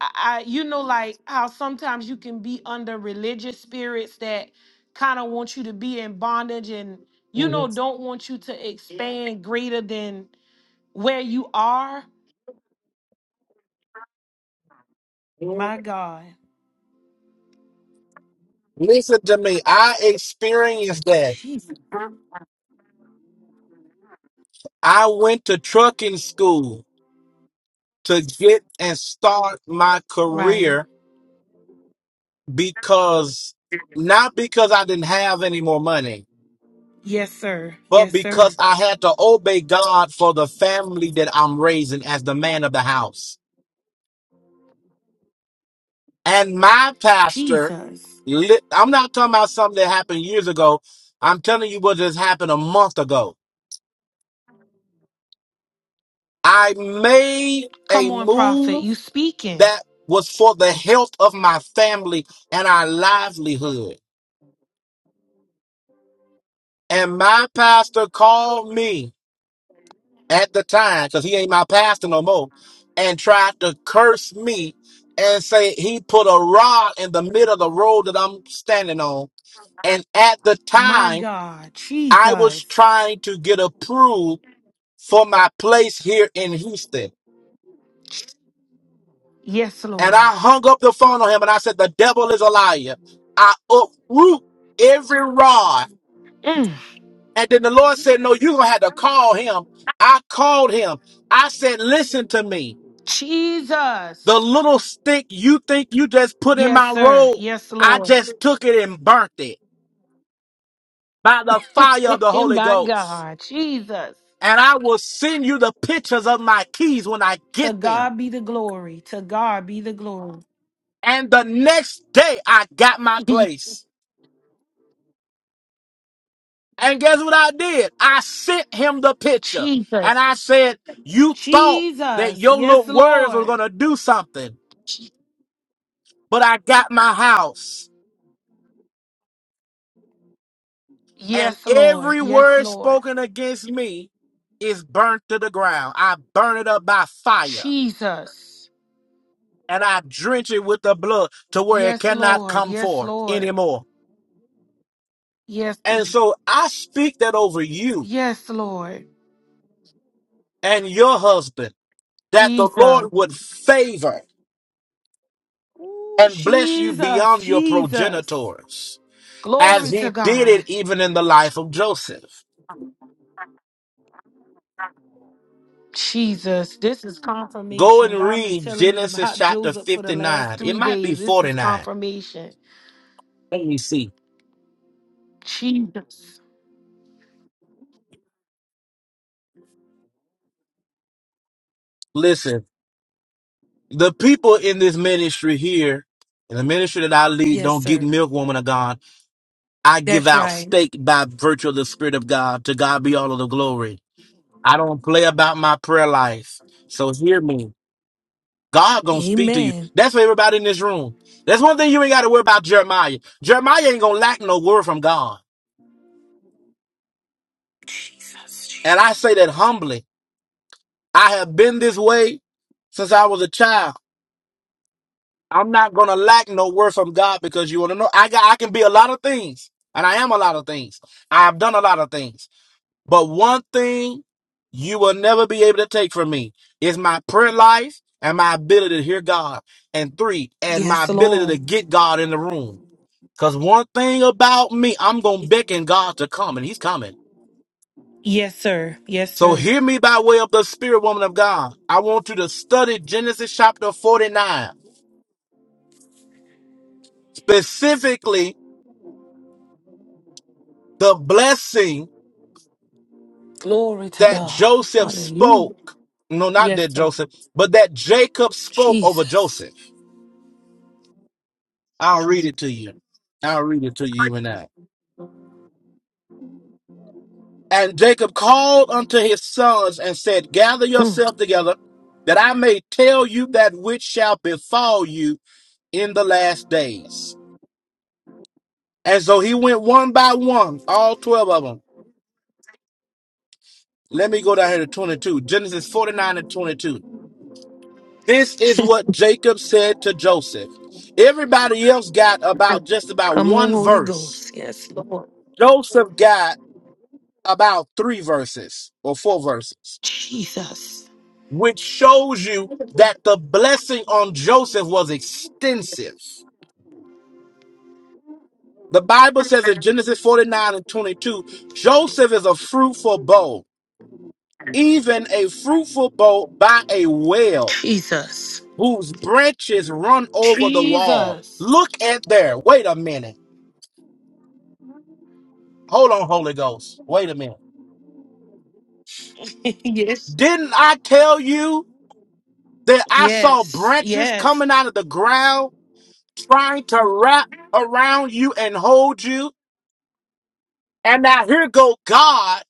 Speaker 4: I, I you know, like how sometimes you can be under religious spirits that kind of want you to be in bondage and you know don't want you to expand greater than where you are. My God.
Speaker 1: Listen to me. I experienced that.
Speaker 4: Jesus.
Speaker 1: I went to trucking school. to get and start my
Speaker 4: Right.
Speaker 1: career because not because I didn't have any more money,
Speaker 4: Yes, sir.
Speaker 1: but
Speaker 4: Yes, sir.
Speaker 1: because I had to obey God for the family that I'm raising as the man of the house. And my pastor,
Speaker 4: Jesus.
Speaker 1: lit- I'm not talking about something that happened years ago. I'm telling you what just happened a month ago. I made
Speaker 4: Come
Speaker 1: a
Speaker 4: on, prophet.
Speaker 1: move
Speaker 4: You speaking.
Speaker 1: that was for the health of my family and our livelihood. And my pastor called me at the time, because he ain't my pastor no more, and tried to curse me and say he put a rod in the middle of the road that I'm standing on. And at the
Speaker 4: My
Speaker 1: time,
Speaker 4: God.
Speaker 1: I was
Speaker 4: Jesus.
Speaker 1: trying to get approved for my place here in Houston.
Speaker 4: Yes,
Speaker 1: And
Speaker 4: Lord.
Speaker 1: I hung up the phone on him and I said, The devil is a liar. I uproot every rod.
Speaker 4: Mm.
Speaker 1: And then the Lord said, No, you're going to have to call him. I called him. I said, Listen to me. The
Speaker 4: Jesus.
Speaker 1: little stick you think you just put in
Speaker 4: Yes,
Speaker 1: my
Speaker 4: sir.
Speaker 1: robe,
Speaker 4: Yes,
Speaker 1: I
Speaker 4: Lord.
Speaker 1: just took it and burnt it by the fire of the Holy
Speaker 4: My
Speaker 1: Ghost.
Speaker 4: God. Jesus.
Speaker 1: And I will send you the pictures of my keys when I
Speaker 4: To
Speaker 1: get them.
Speaker 4: God be the glory. To God be the glory.
Speaker 1: And the next day I got my place. And guess what I did? I sent him the picture. And
Speaker 4: Jesus.
Speaker 1: I said, You thought that
Speaker 4: Jesus.
Speaker 1: your
Speaker 4: Yes,
Speaker 1: little words were
Speaker 4: Lord.
Speaker 1: going to do something,
Speaker 4: Je-
Speaker 1: but I got my house. and
Speaker 4: Yes, Lord.
Speaker 1: every
Speaker 4: Yes,
Speaker 1: word
Speaker 4: Lord.
Speaker 1: spoken against me is burnt to the ground. I burn it up by fire,
Speaker 4: Jesus.
Speaker 1: and I drench it with the blood to where it
Speaker 4: Yes,
Speaker 1: cannot
Speaker 4: Lord.
Speaker 1: come
Speaker 4: Yes,
Speaker 1: forth
Speaker 4: Lord.
Speaker 1: anymore.
Speaker 4: Yes.
Speaker 1: And
Speaker 4: Lord.
Speaker 1: so I speak that over you
Speaker 4: Yes, Lord.
Speaker 1: and your husband, that the
Speaker 4: Jesus.
Speaker 1: Lord would favor
Speaker 4: Ooh,
Speaker 1: and bless you
Speaker 4: Jesus.
Speaker 1: beyond your
Speaker 4: Jesus.
Speaker 1: progenitors, as
Speaker 4: Glory to
Speaker 1: he did
Speaker 4: God.
Speaker 1: it even in the life of Joseph.
Speaker 4: Jesus, this is
Speaker 1: Go
Speaker 4: confirmation.
Speaker 1: and
Speaker 4: God been
Speaker 1: read
Speaker 4: telling me
Speaker 1: Genesis
Speaker 4: about
Speaker 1: chapter
Speaker 4: Joseph for the last
Speaker 1: 59. It
Speaker 4: three
Speaker 1: might be
Speaker 4: days. This is
Speaker 1: 49.
Speaker 4: confirmation.
Speaker 1: Let me see.
Speaker 4: Jesus.
Speaker 1: Listen. the people in this ministry here, in the ministry that I lead,
Speaker 4: Yes,
Speaker 1: don't get
Speaker 4: sir.
Speaker 1: milk, woman of God. I give
Speaker 4: That's
Speaker 1: out
Speaker 4: right.
Speaker 1: steak by virtue of the Spirit of God. To God be all of the glory. I don't play about my prayer life. So hear me. God gonna speak to you.
Speaker 4: Amen.
Speaker 1: That's for everybody in this room. That's one thing you ain't gotta worry about Jeremiah. Jeremiah ain't gonna lack no word from God.
Speaker 4: Jesus. Jesus.
Speaker 1: And I say that humbly. I have been this way since I was a child. I'm not gonna lack no word from God because you wanna know I got I can be a lot of things and I am a lot of things. I have done a lot of things. But one thing you will never be able to take from me is my prayer life and my ability to hear God. And three, and my
Speaker 4: Yes,
Speaker 1: ability to
Speaker 4: Lord.
Speaker 1: get God in the room. Cause one thing about me, I'm gonna beckon God to come and he's coming.
Speaker 4: Yes, sir. Yes,
Speaker 1: So
Speaker 4: sir.
Speaker 1: hear me by way of the spirit woman of God. I want you to study Genesis chapter 49, specifically the blessing
Speaker 4: Glory to
Speaker 1: that
Speaker 4: God.
Speaker 1: Joseph
Speaker 4: Hallelujah.
Speaker 1: spoke. No, not
Speaker 4: Yes,
Speaker 1: that
Speaker 4: sir.
Speaker 1: Joseph, but that Jacob spoke over
Speaker 4: Jesus.
Speaker 1: Joseph. I'll read it to you. I'll read it to you even now. And Jacob called unto his sons and said, Gather
Speaker 4: Mm.
Speaker 1: yourself together, that I may tell you that which shall befall you in the last days. And so he went one by one, all 12 of them. Let me go down here to 22, Genesis 49 and 22. This is what Jacob said to Joseph. Everybody else got about just about
Speaker 4: Come on,
Speaker 1: one
Speaker 4: Holy
Speaker 1: verse.
Speaker 4: Ghost. Yes, Lord.
Speaker 1: Joseph got about three verses or four verses,
Speaker 4: Jesus.
Speaker 1: which shows you that the blessing on Joseph was extensive. The Bible says in Genesis 49 and 22, Joseph is a fruitful bow, even a fruitful bow by a well
Speaker 4: Jesus.
Speaker 1: whose branches run over the wall.
Speaker 4: Jesus.
Speaker 1: Look at there. Wait a minute. Hold on, Holy Ghost. Wait a minute.
Speaker 4: yes. Yes.
Speaker 1: Didn't I tell you that I saw
Speaker 4: Yes.
Speaker 1: branches
Speaker 4: Yes.
Speaker 1: coming out of the ground trying to wrap around you and hold you? And now here go God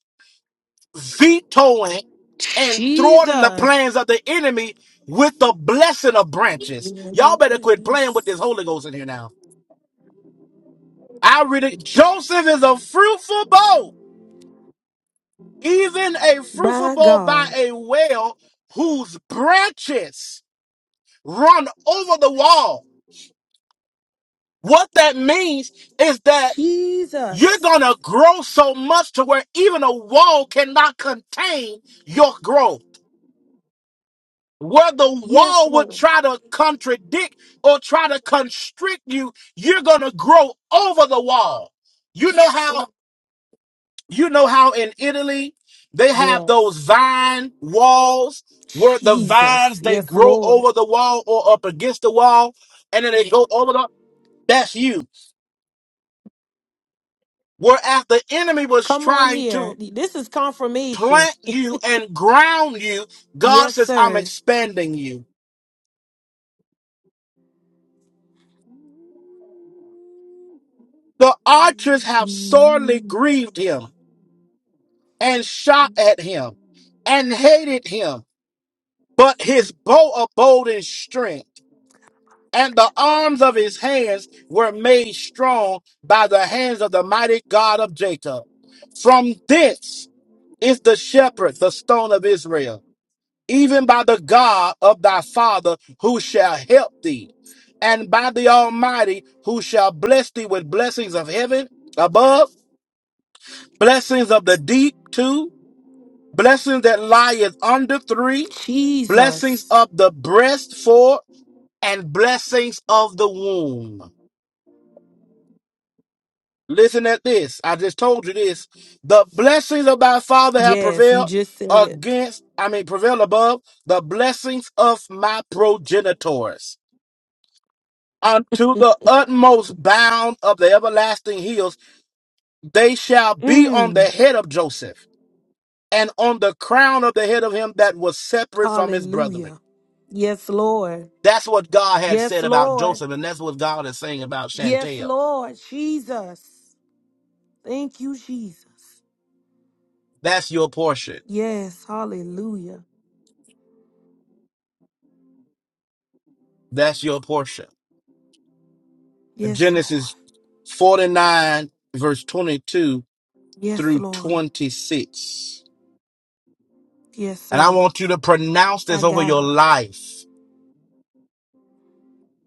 Speaker 1: vetoing and thwarting the
Speaker 4: Jesus.
Speaker 1: plans of the enemy with the blessing of branches. Y'all better quit playing with this Holy
Speaker 4: Yes.
Speaker 1: Ghost in here now. I read it. Joseph is a fruitful bow, even a fruitful
Speaker 4: My
Speaker 1: bow by
Speaker 4: God.
Speaker 1: a well whose branches run over the wall. What that means is that you're
Speaker 4: Jesus.
Speaker 1: going to grow so much to where even a wall cannot contain your growth. Where the
Speaker 4: Yes,
Speaker 1: wall would
Speaker 4: Lord.
Speaker 1: try to contradict or try to constrict you, you're going to grow over the wall. You know how you know how in Italy they have those
Speaker 4: Yes.
Speaker 1: vine walls where the
Speaker 4: Jesus.
Speaker 1: vines they
Speaker 4: Yes,
Speaker 1: grow
Speaker 4: Lord.
Speaker 1: over the wall or up against the wall and then they go over the that's you Whereas the enemy was
Speaker 4: Come on
Speaker 1: trying
Speaker 4: here.
Speaker 1: to
Speaker 4: This is confirmation.
Speaker 1: plant you and ground you, God
Speaker 4: yes,
Speaker 1: says, I'm
Speaker 4: sir.
Speaker 1: expanding you. The archers have sorely grieved him and shot at him and hated him, but his bow abode in strength, and the arms of his hands were made strong by the hands of the mighty God of Jacob. From this is the shepherd, the stone of Israel even by the God of thy father who shall help thee, and by the Almighty who shall bless thee with blessings of heaven above, blessings of the deep two, blessings that lieth under three, blessings
Speaker 4: Jesus.
Speaker 1: of the breast four, and blessings of the womb. Listen at this. I just told you this. The blessings of thy father have
Speaker 4: Yes, you
Speaker 1: prevailed
Speaker 4: just said it.
Speaker 1: against, I mean, prevail above the blessings of my progenitors unto the utmost bound of the everlasting hills. They shall be on the
Speaker 4: Mm.
Speaker 1: head of Joseph and on the crown of the head of him that was separate from his brethren.
Speaker 4: Hallelujah. Yes, Lord.
Speaker 1: That's what God had
Speaker 4: Yes,
Speaker 1: said about
Speaker 4: Lord.
Speaker 1: Joseph, and that's what God is saying about
Speaker 4: Yes,
Speaker 1: Chantel.
Speaker 4: Lord Jesus. Thank you, Jesus.
Speaker 1: That's your portion.
Speaker 4: Yes, hallelujah.
Speaker 1: That's your portion.
Speaker 4: Yes, Lord.
Speaker 1: Genesis 49, verse 22
Speaker 4: Yes,
Speaker 1: through
Speaker 4: Lord.
Speaker 1: 26.
Speaker 4: Yes,
Speaker 1: And I
Speaker 4: sir.
Speaker 1: want you to pronounce
Speaker 4: I
Speaker 1: this over
Speaker 4: got
Speaker 1: your
Speaker 4: it.
Speaker 1: life.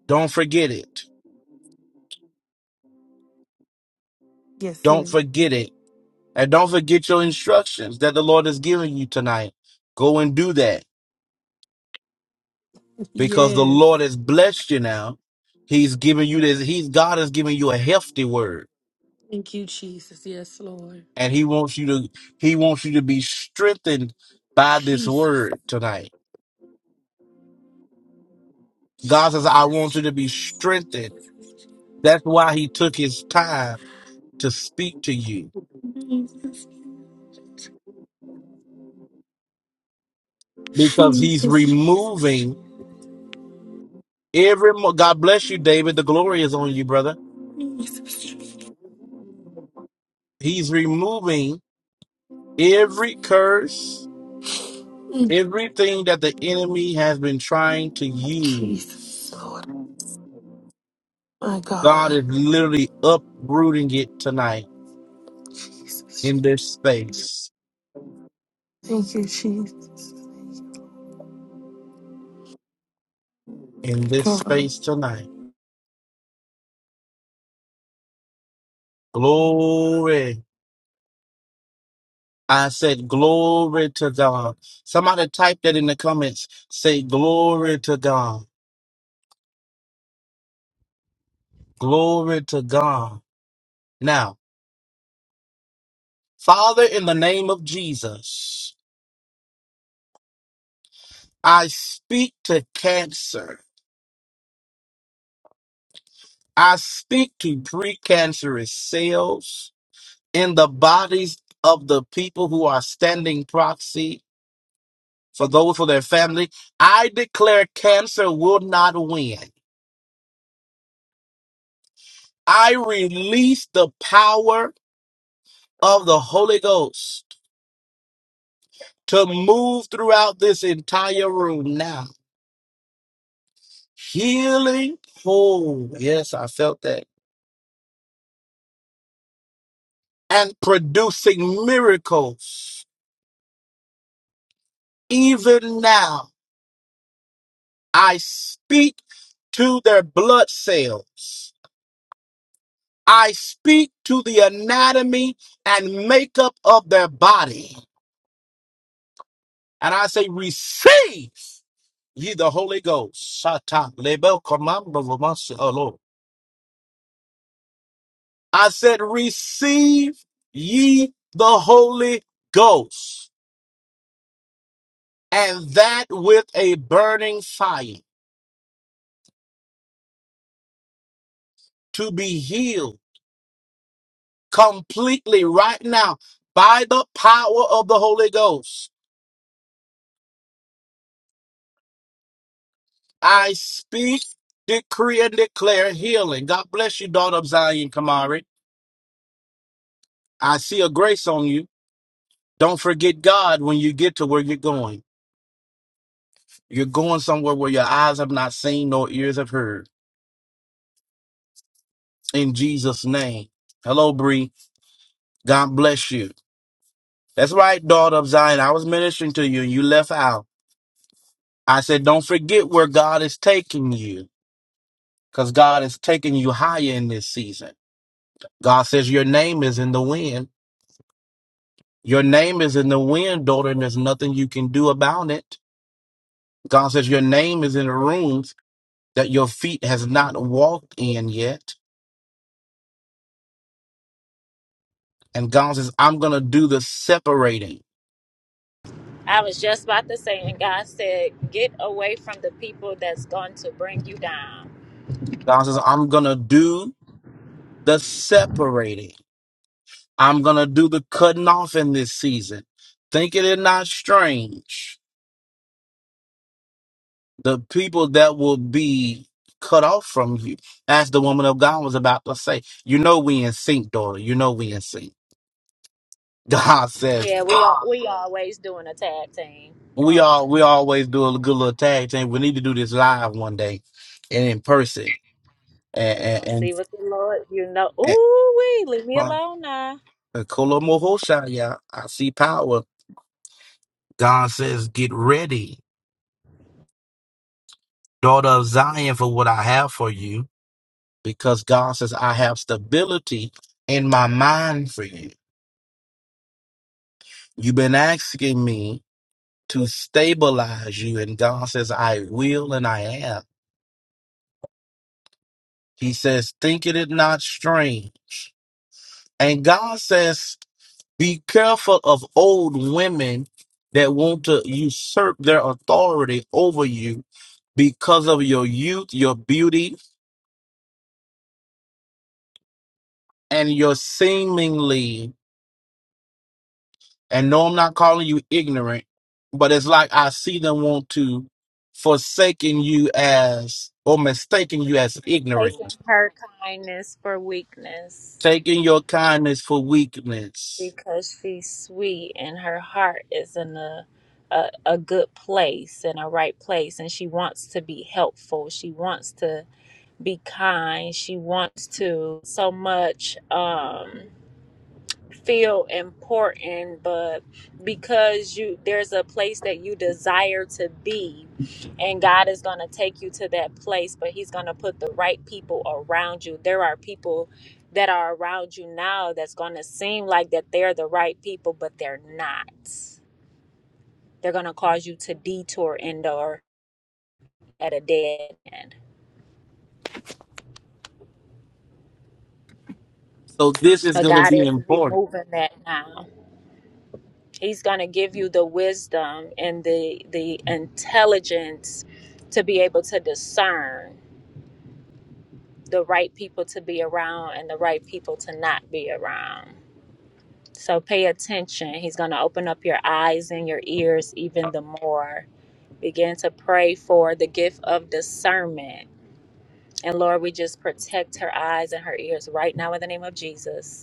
Speaker 1: Don't forget it.
Speaker 4: Yes, sir.
Speaker 1: Don't forget it. And don't forget your instructions that the Lord has given you tonight. Go and do that because the
Speaker 4: Yes.
Speaker 1: Lord has blessed you now. He's given you this. He's God has given you a hefty word
Speaker 4: Thank you, Jesus. Yes, Lord.
Speaker 1: and he wants you to, he wants you to be strengthened by this
Speaker 4: Jesus.
Speaker 1: word tonight. God says, I want you to be strengthened. That's why he took his time to speak to you
Speaker 4: Jesus.
Speaker 1: because he's
Speaker 4: Jesus. Jesus. Jesus.
Speaker 1: removing every, mo- God bless you, David. The glory is on you, brother. He's removing every curse
Speaker 4: Mm,
Speaker 1: Everything that the enemy has been trying to
Speaker 4: Jesus,
Speaker 1: use,
Speaker 4: Lord. My
Speaker 1: God
Speaker 4: God.
Speaker 1: is literally uprooting it tonight in
Speaker 4: Jesus.
Speaker 1: this space,
Speaker 4: Thank you, Jesus.
Speaker 1: in this
Speaker 4: God.
Speaker 1: space tonight. Glory. I said, Glory to God. Somebody type that in the comments. Say, Glory to God. Glory to God. Now, Father, in the name of Jesus, I speak to cancer. I speak to precancerous cells. in the bodies of the people who are standing proxy for those for their family. I declare cancer will not win. I release the power of the Holy Ghost to move throughout this entire room now. Healing, oh, yes, I felt that. And producing miracles. Even now, I speak to their blood cells. I speak to the anatomy and makeup of their body. And I say, receive ye the Holy Ghost. Satan, lebo, komando, lomasi, alo. I said, receive ye the Holy Ghost, and that with a burning fire to be healed completely right now by the power of the Holy Ghost. I speak, decree, and declare healing. God bless you, daughter of Zion, Kamari. I see a grace on you. Don't forget God when you get to where you're going. You're going somewhere where your eyes have not seen nor ears have heard. In Jesus' name. Hello, Bree. God bless you. That's right, daughter of Zion. I was ministering to you and you left out. I said, don't forget where God is taking you because God is taking you higher in this season. God says your name is in the wind. Your name is in the wind, daughter, and there's nothing you can do about it. God says your name is in the rooms that your feet has not walked in yet. And God says, I'm going to do the separating.
Speaker 3: I was just about to say, and God said, "Get away from the people that's going to bring you down."
Speaker 1: God says, I'm going to do the separating. I'm going to do the cutting off in this season. Think it is not strange. The people that will be cut off from you, as the woman of God was about to say, you know, we in sync, daughter. You know, we in sync. God says,
Speaker 3: Yeah, we al- we always doing a tag team
Speaker 1: We
Speaker 3: all the
Speaker 1: all we
Speaker 3: time.
Speaker 1: always do a good little tag team. We need to do this live one day and in person. And
Speaker 3: We
Speaker 1: and
Speaker 3: gonna
Speaker 1: and,
Speaker 3: see what the Lord, you know.
Speaker 1: and
Speaker 3: Ooh, we leave me
Speaker 1: well,
Speaker 3: alone now.
Speaker 1: the Kolo Moho shot, yeah. I see power. God says, Get ready, daughter of Zion, for what I have for you. Because God says, I have stability in my mind for you. You've been asking me to stabilize you, and God says, I will and I am. He says, Think it is not strange. And God says, Be careful of old women that want to usurp their authority over you because of your youth, your beauty, and your seemingly, and no, I'm not calling you ignorant, but it's like I see them want to forsaken you as or mistaking you as ignorant,
Speaker 3: taking her kindness for weakness
Speaker 1: taking your kindness for weakness.
Speaker 3: because she's sweet and her heart is in a, a a good place and a right place and she wants to be helpful she wants to be kind she wants to so much Um. feel important but because you there's a place that you desire to be and God is going to take you to that place but he's going to put the right people around you there are people that are around you now that's going to seem like that they're the right people but they're not they're going to cause you to detour and or at a dead end
Speaker 1: So this is
Speaker 3: but
Speaker 1: going to
Speaker 3: God
Speaker 1: be
Speaker 3: is
Speaker 1: important
Speaker 3: removing that now He's going to give you the wisdom and the the intelligence to be able to discern the right people to be around and the right people to not be around. So pay attention. He's going to open up your eyes and your ears even the more. Begin to pray for the gift of discernment. And Lord, we just protect her eyes and her ears right now in the name of Jesus.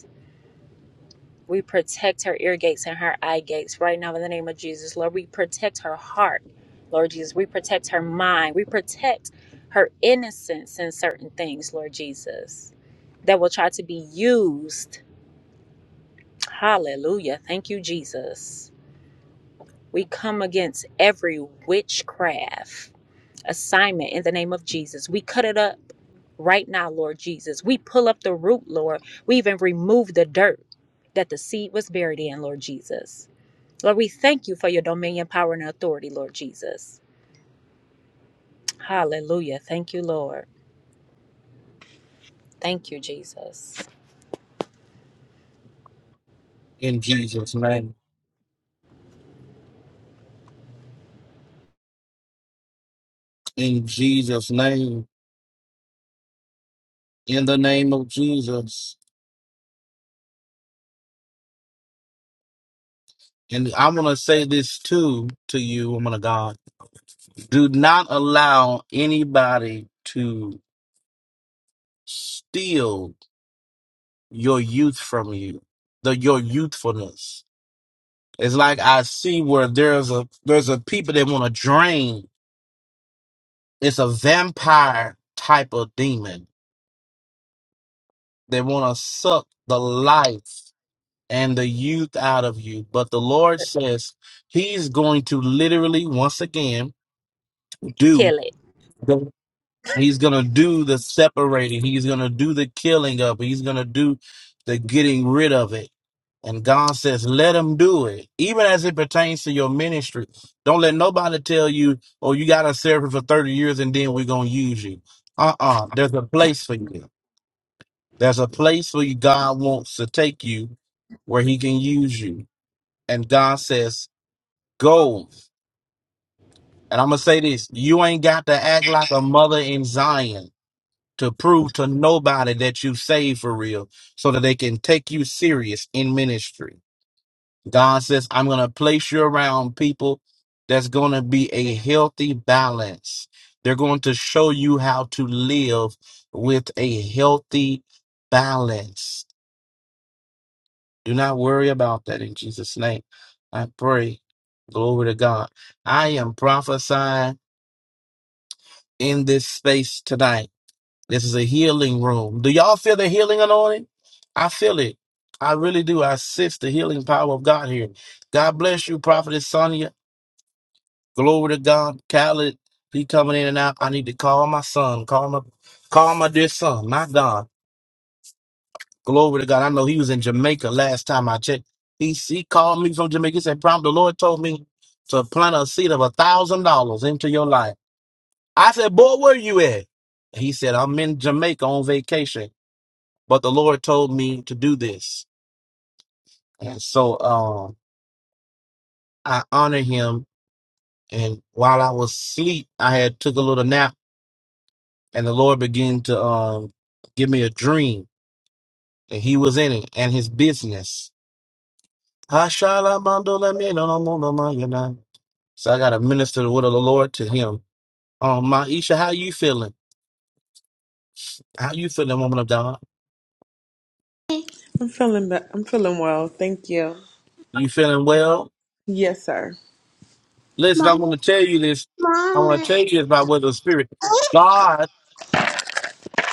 Speaker 3: We protect her ear gates and her eye gates right now in the name of Jesus. Lord, we protect her heart, Lord Jesus. We protect her mind. We protect her innocence in certain things, Lord Jesus, that will try to be used. Hallelujah. Thank you, Jesus. We come against every witchcraft assignment in the name of Jesus. We cut it up right now, Lord Jesus. We pull up the root, Lord. We even remove the dirt that the seed was buried in, Lord Jesus. Lord, we thank you for your dominion, power, and authority, Lord Jesus. Hallelujah. Thank you, Lord. Thank you, Jesus.
Speaker 1: in Jesus' name. In Jesus' name. In the name of Jesus. And I'm going to say this too to you, woman of God. Do not allow anybody to steal your youth from you, the, your youthfulness. It's like I see where there's a, there's a people that want to drain. It's a vampire type of demon. They want to suck the life and the youth out of you. But the Lord says he's going to literally once again do
Speaker 3: Kill it.
Speaker 1: He's going to do the separating. He's going to do the killing of it. He's going to do the getting rid of it. And God says, let him do it. Even as it pertains to your ministry. Don't let nobody tell you, oh, you got to serve it for 30 years and then we're going to use you. Uh-uh. There's a place for you. There's a place where you, God wants to take you where he can use you. And God says, go. And I'm going to say this. You ain't got to act like a mother in Zion. to prove to nobody that you saved for real so that they can take you serious in ministry. God says, I'm going to place you around people that's going to be a healthy balance. They're going to show you how to live with a healthy balance. Do not worry about that in Jesus' name. I pray. Glory to God. I am prophesying in this space tonight This is a healing room. Do y'all feel the healing anointing? I feel it. I really do. I sense the healing power of God here. God bless you, Prophetess Sonia. Glory to God. Khaled, he coming in and out. I need to call my son. Call my call my dear son. My God. Glory to God. I know he was in Jamaica last time I checked. He, he called me from Jamaica. He said, Prom, the Lord told me to plant a seed of a thousand dollars into your life. I said, Boy, where you at? He said, I'm in Jamaica on vacation. but the Lord told me to do this. And so um I honor him and while I was asleep, I had took a little nap and the Lord began to um give me a dream and he was in it and his business. Hashalamandolaminamonamayana. So I gotta minister the word of the Lord to him. Um Maisha, how you feeling? How you feeling, woman of God?
Speaker 5: I'm feeling be- I'm feeling well, thank you.
Speaker 1: You feeling well?
Speaker 5: Yes, sir.
Speaker 1: Listen,
Speaker 5: Mom,
Speaker 1: I'm gonna tell you this. I wanna
Speaker 5: mom.
Speaker 1: tell you this about what the spirit. God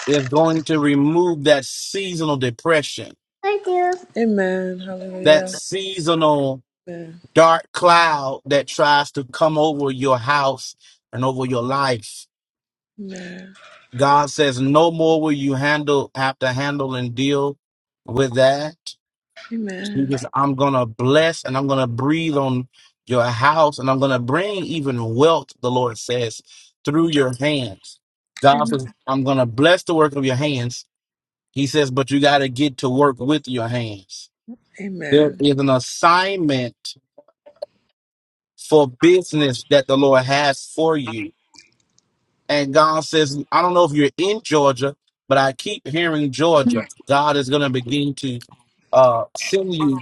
Speaker 1: is going to remove that seasonal depression,
Speaker 5: I do. Amen.
Speaker 1: that
Speaker 5: Hallelujah.
Speaker 1: seasonal
Speaker 5: Amen.
Speaker 1: dark cloud that tries to come over your house and over your life.
Speaker 5: Amen.
Speaker 1: God says, no more will you handle, have to handle and deal with that.
Speaker 5: Amen.
Speaker 1: Because I'm going to bless and I'm going to breathe on your house and I'm going to bring even wealth, the Lord says, through your hands. God
Speaker 5: Amen.
Speaker 1: says, I'm going to bless the work of your hands. He says, but you got to get to work with your hands. There
Speaker 5: Amen.
Speaker 1: is an assignment for business that the Lord has for you. And God says, I don't know if you're in Georgia, but I keep hearing Georgia. God is going to begin to uh, send you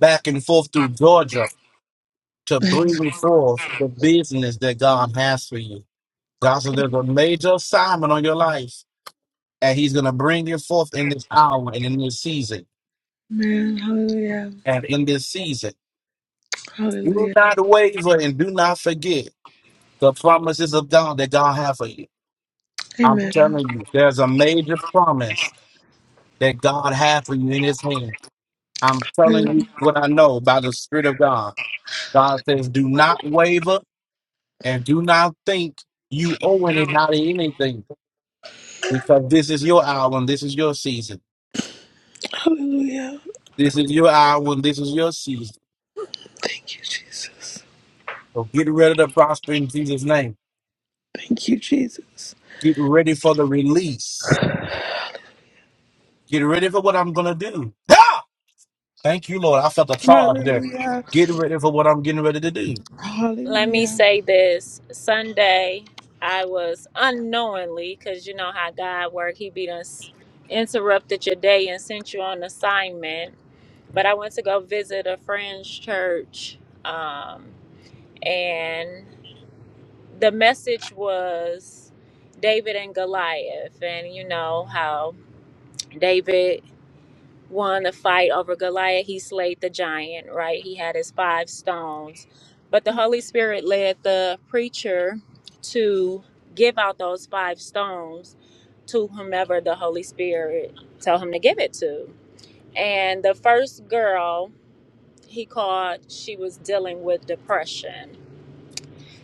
Speaker 1: back and forth through Georgia to bring forth the business that God has for you. God says there's a major assignment on your life, and He's going to bring you forth in this hour and in this season.
Speaker 5: Amen. Hallelujah.
Speaker 1: And in this season, do
Speaker 5: Hallelujah.
Speaker 1: not waver and do not forget. the promises of God that God has for you. I'm
Speaker 5: Amen.
Speaker 1: telling you, there's a major promise that God has for you in His hand. I'm telling
Speaker 5: Hallelujah.
Speaker 1: you what I know by the Spirit of God. God says, "Do not waver and do not think you owe it not anything, because this is your hour and this is your season.
Speaker 5: Hallelujah.
Speaker 1: This is your hour and this is your season.
Speaker 5: Thank you, Jesus.
Speaker 1: So get ready to prosper in Jesus' name.
Speaker 5: Thank you, Jesus.
Speaker 1: Get ready for the release. Get ready for what I'm gonna do. Thank you, Lord. I felt a charge there.
Speaker 5: Hallelujah.
Speaker 1: Get ready for what I'm getting ready to do.
Speaker 3: Let me
Speaker 5: Hallelujah.
Speaker 3: say this Sunday, I was unknowingly, because you know how God works, He be done s- interrupted your day and sent you on assignment. But I went to go visit a friend's church, um, and the message was David and Goliath, and you know how. David won a fight over Goliath. He slayed the giant, right? He had his five stones. But the Holy Spirit led the preacher to give out those five stones to whomever the Holy Spirit tell him to give it to. And the first girl he called, she was dealing with depression.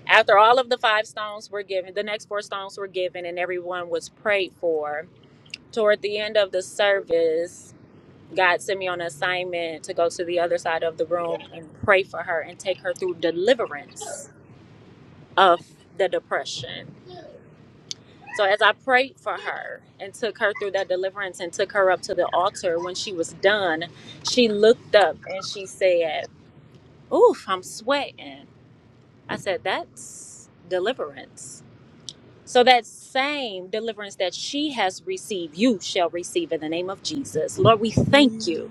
Speaker 3: After all of the five stones were given, the next four stones were given and everyone was prayed for. Toward the end of the service, God sent me on an assignment to go to the other side of the room and pray for her and take her through deliverance of the depression. So as I prayed for her and took her through that deliverance and took her up to the altar, when she was done, she looked up and she said, "Oof, I'm sweating." I said, "That's deliverance." So that same deliverance that she has received, you shall receive in the name of Jesus. Lord, we thank
Speaker 5: Hallelujah.
Speaker 3: you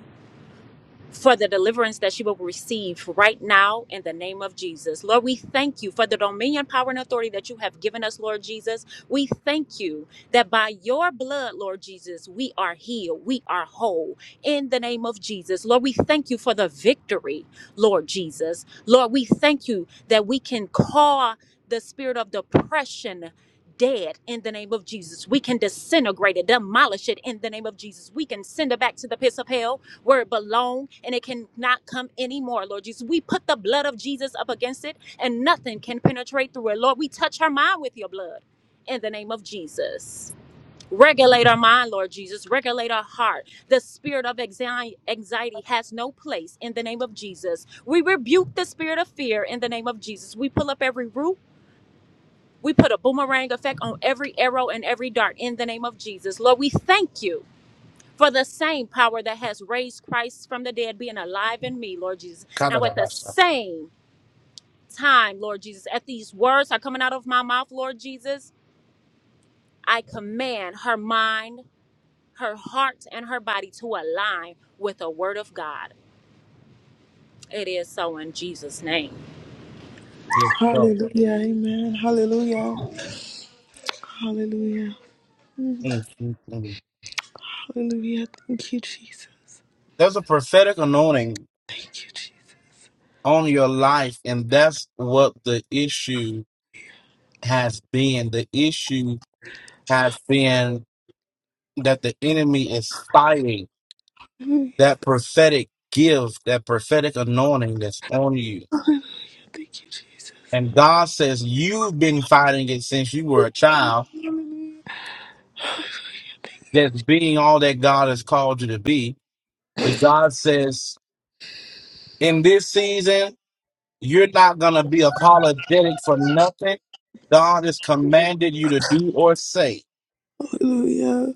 Speaker 3: for the deliverance that she will receive right now in the name of Jesus. Lord, we thank you for the dominion, power, and authority that you have given us, Lord Jesus. We thank you that by your blood, Lord Jesus, we are healed, we are whole in the name of Jesus. Lord, we thank you for the victory, Lord Jesus. Lord, we thank you that we can call the spirit of depression. Dead in the name of Jesus. We can disintegrate it, demolish it in the name of Jesus. We can send it back to the pits of hell where it belongs, and it cannot come anymore, Lord Jesus. We put the blood of Jesus up against it and nothing can penetrate through it. Lord, we touch her mind with your blood in the name of Jesus. Regulate our mind, Lord Jesus. Regulate our heart. The spirit of anxi- anxiety has no place in the name of Jesus. We rebuke the spirit of fear in the name of Jesus. We pull up every root. We put a boomerang effect on every arrow and every dart in the name of Jesus. Lord, we thank you for the same power that has raised Christ from the dead being alive in me, Lord Jesus.
Speaker 1: Kind
Speaker 3: Now,
Speaker 1: of that
Speaker 3: at the
Speaker 1: right stuff.
Speaker 3: same time, Lord Jesus, at these words are coming out of my mouth, Lord Jesus, I command her mind, her heart, and her body to align with the word of God. It is so in Jesus' name.
Speaker 1: Yeah, so,
Speaker 5: Hallelujah. Amen. Hallelujah. Hallelujah.
Speaker 1: mm, mm, mm.
Speaker 5: Hallelujah. Thank you, Jesus.
Speaker 1: There's a prophetic anointing
Speaker 5: Thank you, Jesus.
Speaker 1: on your life, and that's what the issue has been. The issue has been that the enemy is fighting
Speaker 5: Hallelujah.
Speaker 1: that prophetic gift, that prophetic anointing that's on you.
Speaker 5: Thank you, Jesus.
Speaker 1: And God says you've been fighting it since you were a child, that's being all that God has called you to be. But God says in this season, you're not going to be apologetic for nothing God has commanded you to do or say.
Speaker 5: Hallelujah.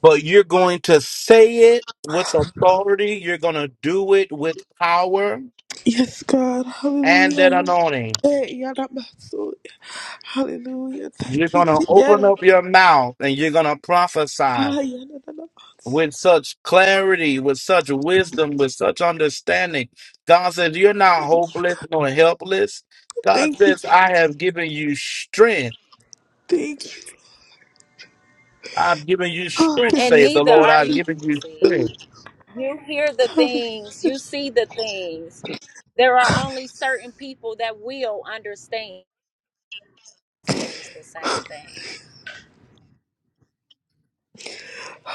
Speaker 1: But you're going to say it with authority. You're going to do it with power
Speaker 5: Yes, God.
Speaker 1: and an
Speaker 5: Hallelujah.
Speaker 1: anointing.
Speaker 5: Hey, yada baso. Hallelujah.
Speaker 1: You're
Speaker 5: Thank you.
Speaker 1: going to
Speaker 5: Je-
Speaker 1: open up
Speaker 5: yada-
Speaker 1: your mouth and you're going to prophesy
Speaker 5: ah, yada da da basi.
Speaker 1: with such clarity, with such wisdom, with such understanding. God says, You're not hopeless nor helpless. God
Speaker 5: Thank you.
Speaker 1: says, I have given you strength
Speaker 5: Thank you.
Speaker 1: I've given you
Speaker 5: Oh,
Speaker 1: strength,
Speaker 3: And
Speaker 1: says
Speaker 5: yes.
Speaker 1: the
Speaker 3: neither
Speaker 1: Lord.
Speaker 5: God.
Speaker 3: are
Speaker 1: I've
Speaker 3: you.
Speaker 1: given you
Speaker 3: See,
Speaker 1: strength.
Speaker 3: you hear the
Speaker 5: Hallelujah.
Speaker 3: things, you see the things. There are only certain people that will understand, experience the same thing.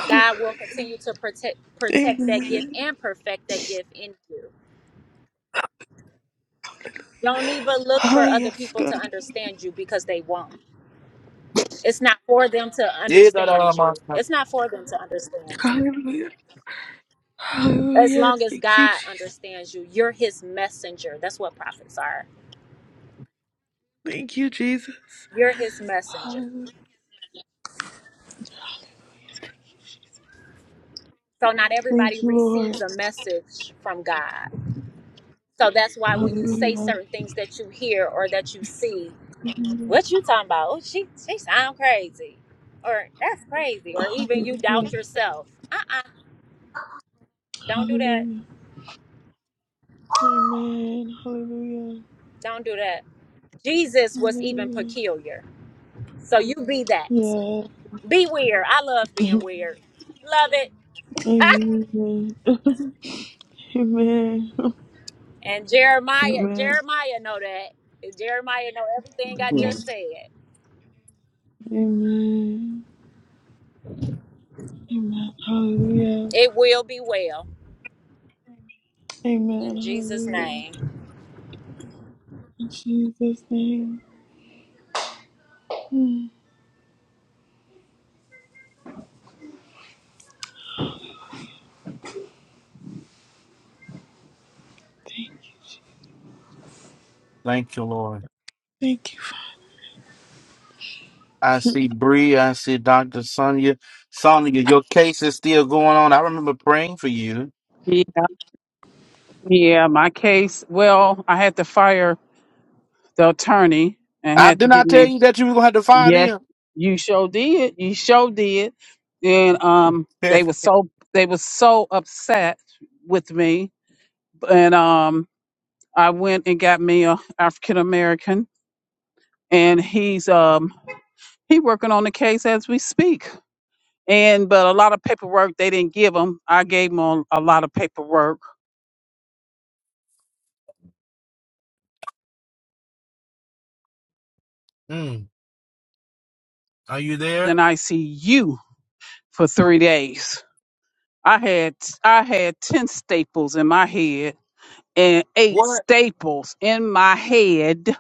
Speaker 3: God will continue to protect protect that gift
Speaker 5: Amen.
Speaker 3: and perfect that gift in you. Don't even look
Speaker 5: Ah,
Speaker 3: for other
Speaker 5: yes,
Speaker 3: people to
Speaker 5: God.
Speaker 3: understand you because they won't. It's not for them to
Speaker 1: Yeah, da, da, da,
Speaker 3: understand
Speaker 1: ma,
Speaker 3: you.
Speaker 1: sa.
Speaker 3: It's not for them to understand you.
Speaker 5: Hallelujah.
Speaker 3: As
Speaker 5: Hallelujah.
Speaker 3: long as
Speaker 5: Thank you,
Speaker 3: God
Speaker 5: Jesus.
Speaker 3: understands you, you're his messenger. That's what prophets are.
Speaker 5: Thank you, Jesus.
Speaker 3: You're his messenger.
Speaker 5: Hallelujah.
Speaker 3: So not everybody
Speaker 5: Thank you,
Speaker 3: receives
Speaker 5: Lord.
Speaker 3: a message from God. So that's why when you
Speaker 1: Mm-mm.
Speaker 3: say
Speaker 5: Hallelujah.
Speaker 3: certain things that you hear or that you see,
Speaker 5: Hallelujah.
Speaker 3: What you talking about? Oh, she she sound crazy, or that's crazy, or even you doubt yourself. Uh uh do not do that.
Speaker 5: Hallelujah. Amen. Hallelujah.
Speaker 3: Don't do that. Jesus was even
Speaker 5: Hallelujah.
Speaker 3: peculiar, so you be that.
Speaker 5: Yeah.
Speaker 3: Be weird. I love being weird. Love it.
Speaker 5: Amen. Amen.
Speaker 3: and Jeremiah,
Speaker 5: Amen.
Speaker 3: Jeremiah know that. Jeremiah know everything I just said.
Speaker 5: Amen. Hallelujah.
Speaker 3: It will be well
Speaker 5: Amen.
Speaker 3: in Jesus'
Speaker 5: Hallelujah.
Speaker 3: name.
Speaker 5: In Jesus' name. Mm. Thank,
Speaker 1: Thank you, Lord.
Speaker 5: thank you.
Speaker 1: I see Bree. I see Dr. Sonia. Sonia, your case is still going on. I remember praying for you.
Speaker 6: Ye- Yeah, my case. Well, I had to fire the attorney and
Speaker 1: I
Speaker 6: had to
Speaker 1: did
Speaker 6: get
Speaker 1: not tell
Speaker 6: me.
Speaker 1: you that you were going to have to file
Speaker 6: Yes,
Speaker 1: them.
Speaker 6: you sure did. You sure did. And um, they were so they were so upset with me. And um, I went and got me a African American, and he's um he working on the case as we speak. And but a lot of paperwork they didn't give him. I gave him a, a lot of paperwork.
Speaker 1: mm. Are you there?
Speaker 6: Then I see you for three days I had I had ten staples in my head and eight
Speaker 1: What?
Speaker 6: staples in my head.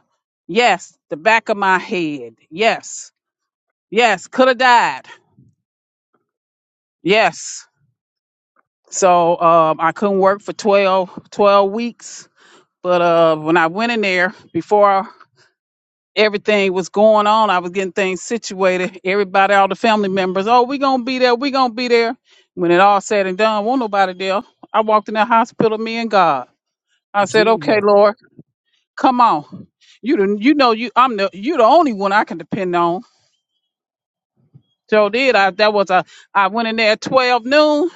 Speaker 6: Yes, the back of my head. Yes, yes, could have died. Yes. So um, I couldn't work for twelve twelve weeks. But uh, when I went in there, before everything was going on, I was getting things situated. Everybody, all the family members, oh, we going to be there. we going to be there. When it all said and done, won't nobody there. I walked in that hospital, me and God. I said, "Okay,
Speaker 1: Jesus.
Speaker 6: Lord, come on. You the, you know you I'm the you the only one I can depend on." So did I? That was a I went in there at twelve noon.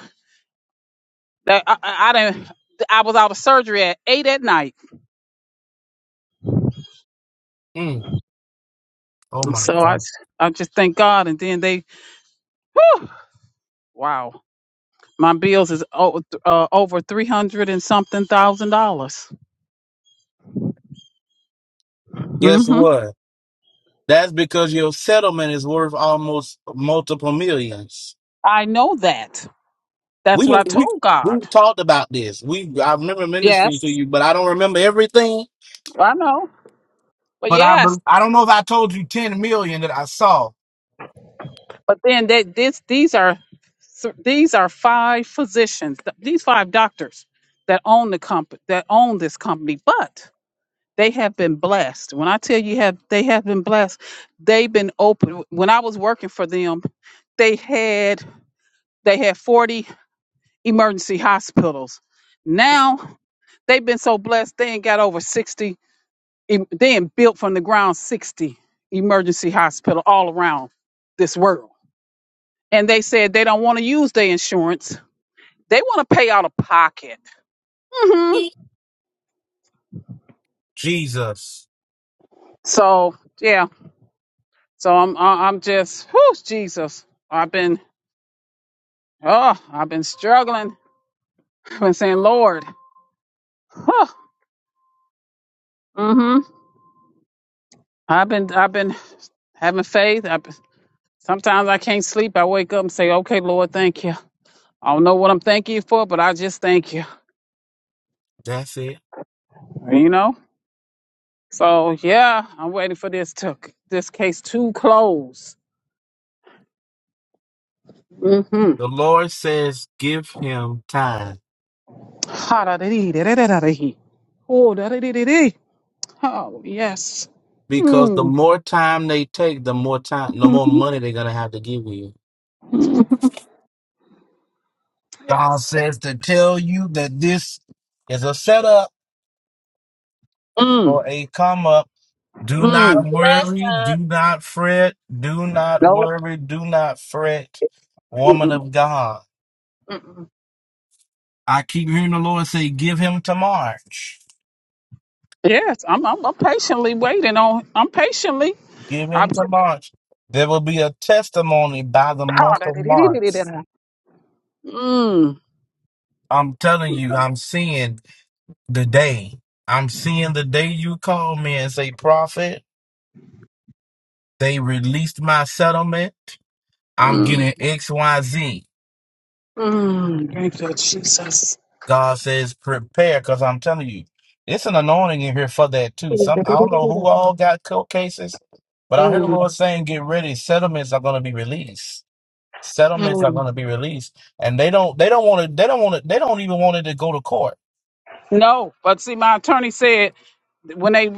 Speaker 6: That I, I, I didn't. I was out of surgery at eight at night.
Speaker 1: Mm. Oh, my
Speaker 6: So I, I
Speaker 1: God.
Speaker 6: just thank God. And then they wow, my bills is over, uh, over three hundred and something thousand dollars.
Speaker 1: Guess
Speaker 6: hmm
Speaker 1: what? That's because your settlement is worth almost multiple millions.
Speaker 6: I know that. That's
Speaker 1: We
Speaker 6: what I
Speaker 1: didn't we
Speaker 6: told
Speaker 1: we
Speaker 6: God.
Speaker 1: talked about this. We I remember ministering to
Speaker 6: Yes,
Speaker 1: you, but I don't remember everything.
Speaker 6: I know. But
Speaker 1: But I
Speaker 6: yes.
Speaker 1: be- I don't know if I told you ten million that I saw.
Speaker 6: But then that this these are so these are five physicians, th- these five doctors that own the company that own this company, but they have been blessed. When I tell you have they have been blessed, they've been open. When I was working for them, they had they had 40 emergency hospitals. Now they've been so blessed they ain't got over 60 em- they ain't built from the ground 60 emergency hospital all around this world and they said they don't want to use their insurance. They want to pay out of pocket. hmm
Speaker 1: Jesus,
Speaker 6: So yeah, so I'm I- I'm just whew, Jesus. I've been oh I've been struggling. I've been saying Lord. huh. hmm I've been I've been having faith. I've been, sometimes I can't sleep. I wake up and say, Okay, Lord, thank you. I don't know what I'm thanking you for, but I just thank you.
Speaker 1: that's it.
Speaker 6: You know. So yeah, I'm waiting for this to this case to close. Mm-hmm.
Speaker 1: The Lord says, give him time
Speaker 6: Ha-da-dee-dee-dee-dee-dee-dee. Oh, da-dee-dee-dee-dee. Oh, yes.
Speaker 1: because the
Speaker 6: Mm.
Speaker 1: more time they take, the more time, the more
Speaker 6: Mhm.
Speaker 1: money they're gonna have to give you. God
Speaker 6: Yes.
Speaker 1: says to tell you that this is a setup
Speaker 6: Mm.
Speaker 1: for a come up Do
Speaker 3: But
Speaker 1: not
Speaker 3: you're
Speaker 6: Mm.
Speaker 3: blessed
Speaker 1: worry,
Speaker 3: up.
Speaker 1: do not fret, do not
Speaker 6: No.
Speaker 1: worry, do not fret, woman
Speaker 6: Mm-mm.
Speaker 1: of God.
Speaker 6: Mm-mm.
Speaker 1: I keep hearing the Lord say, Give him to March.
Speaker 6: Yes, I'm, I'm I'm patiently waiting on. I'm patiently.
Speaker 1: Give
Speaker 6: I'm
Speaker 1: him
Speaker 6: just.
Speaker 1: to March. There will be a testimony by the month of March.
Speaker 6: Ha-da-dee-dee-dee-dee-dee. Mm.
Speaker 1: I'm telling you, I'm seeing the day. I'm seeing the day you call me and say, Prophet, they released my settlement. I'm
Speaker 6: Mm.
Speaker 1: getting XYZ.
Speaker 6: Mm. Thank you, Jesus.
Speaker 1: God says, prepare, because I'm telling you, it's an anointing in here for that too. Some I don't know who all got court cases, but I heard the Lord saying, get ready. Settlements are going to be released. Settlements
Speaker 6: Mm.
Speaker 1: are going to be released, and they don't they don't want it. They don't want it. They don't even want it to go to court
Speaker 6: No, but see, my attorney said when they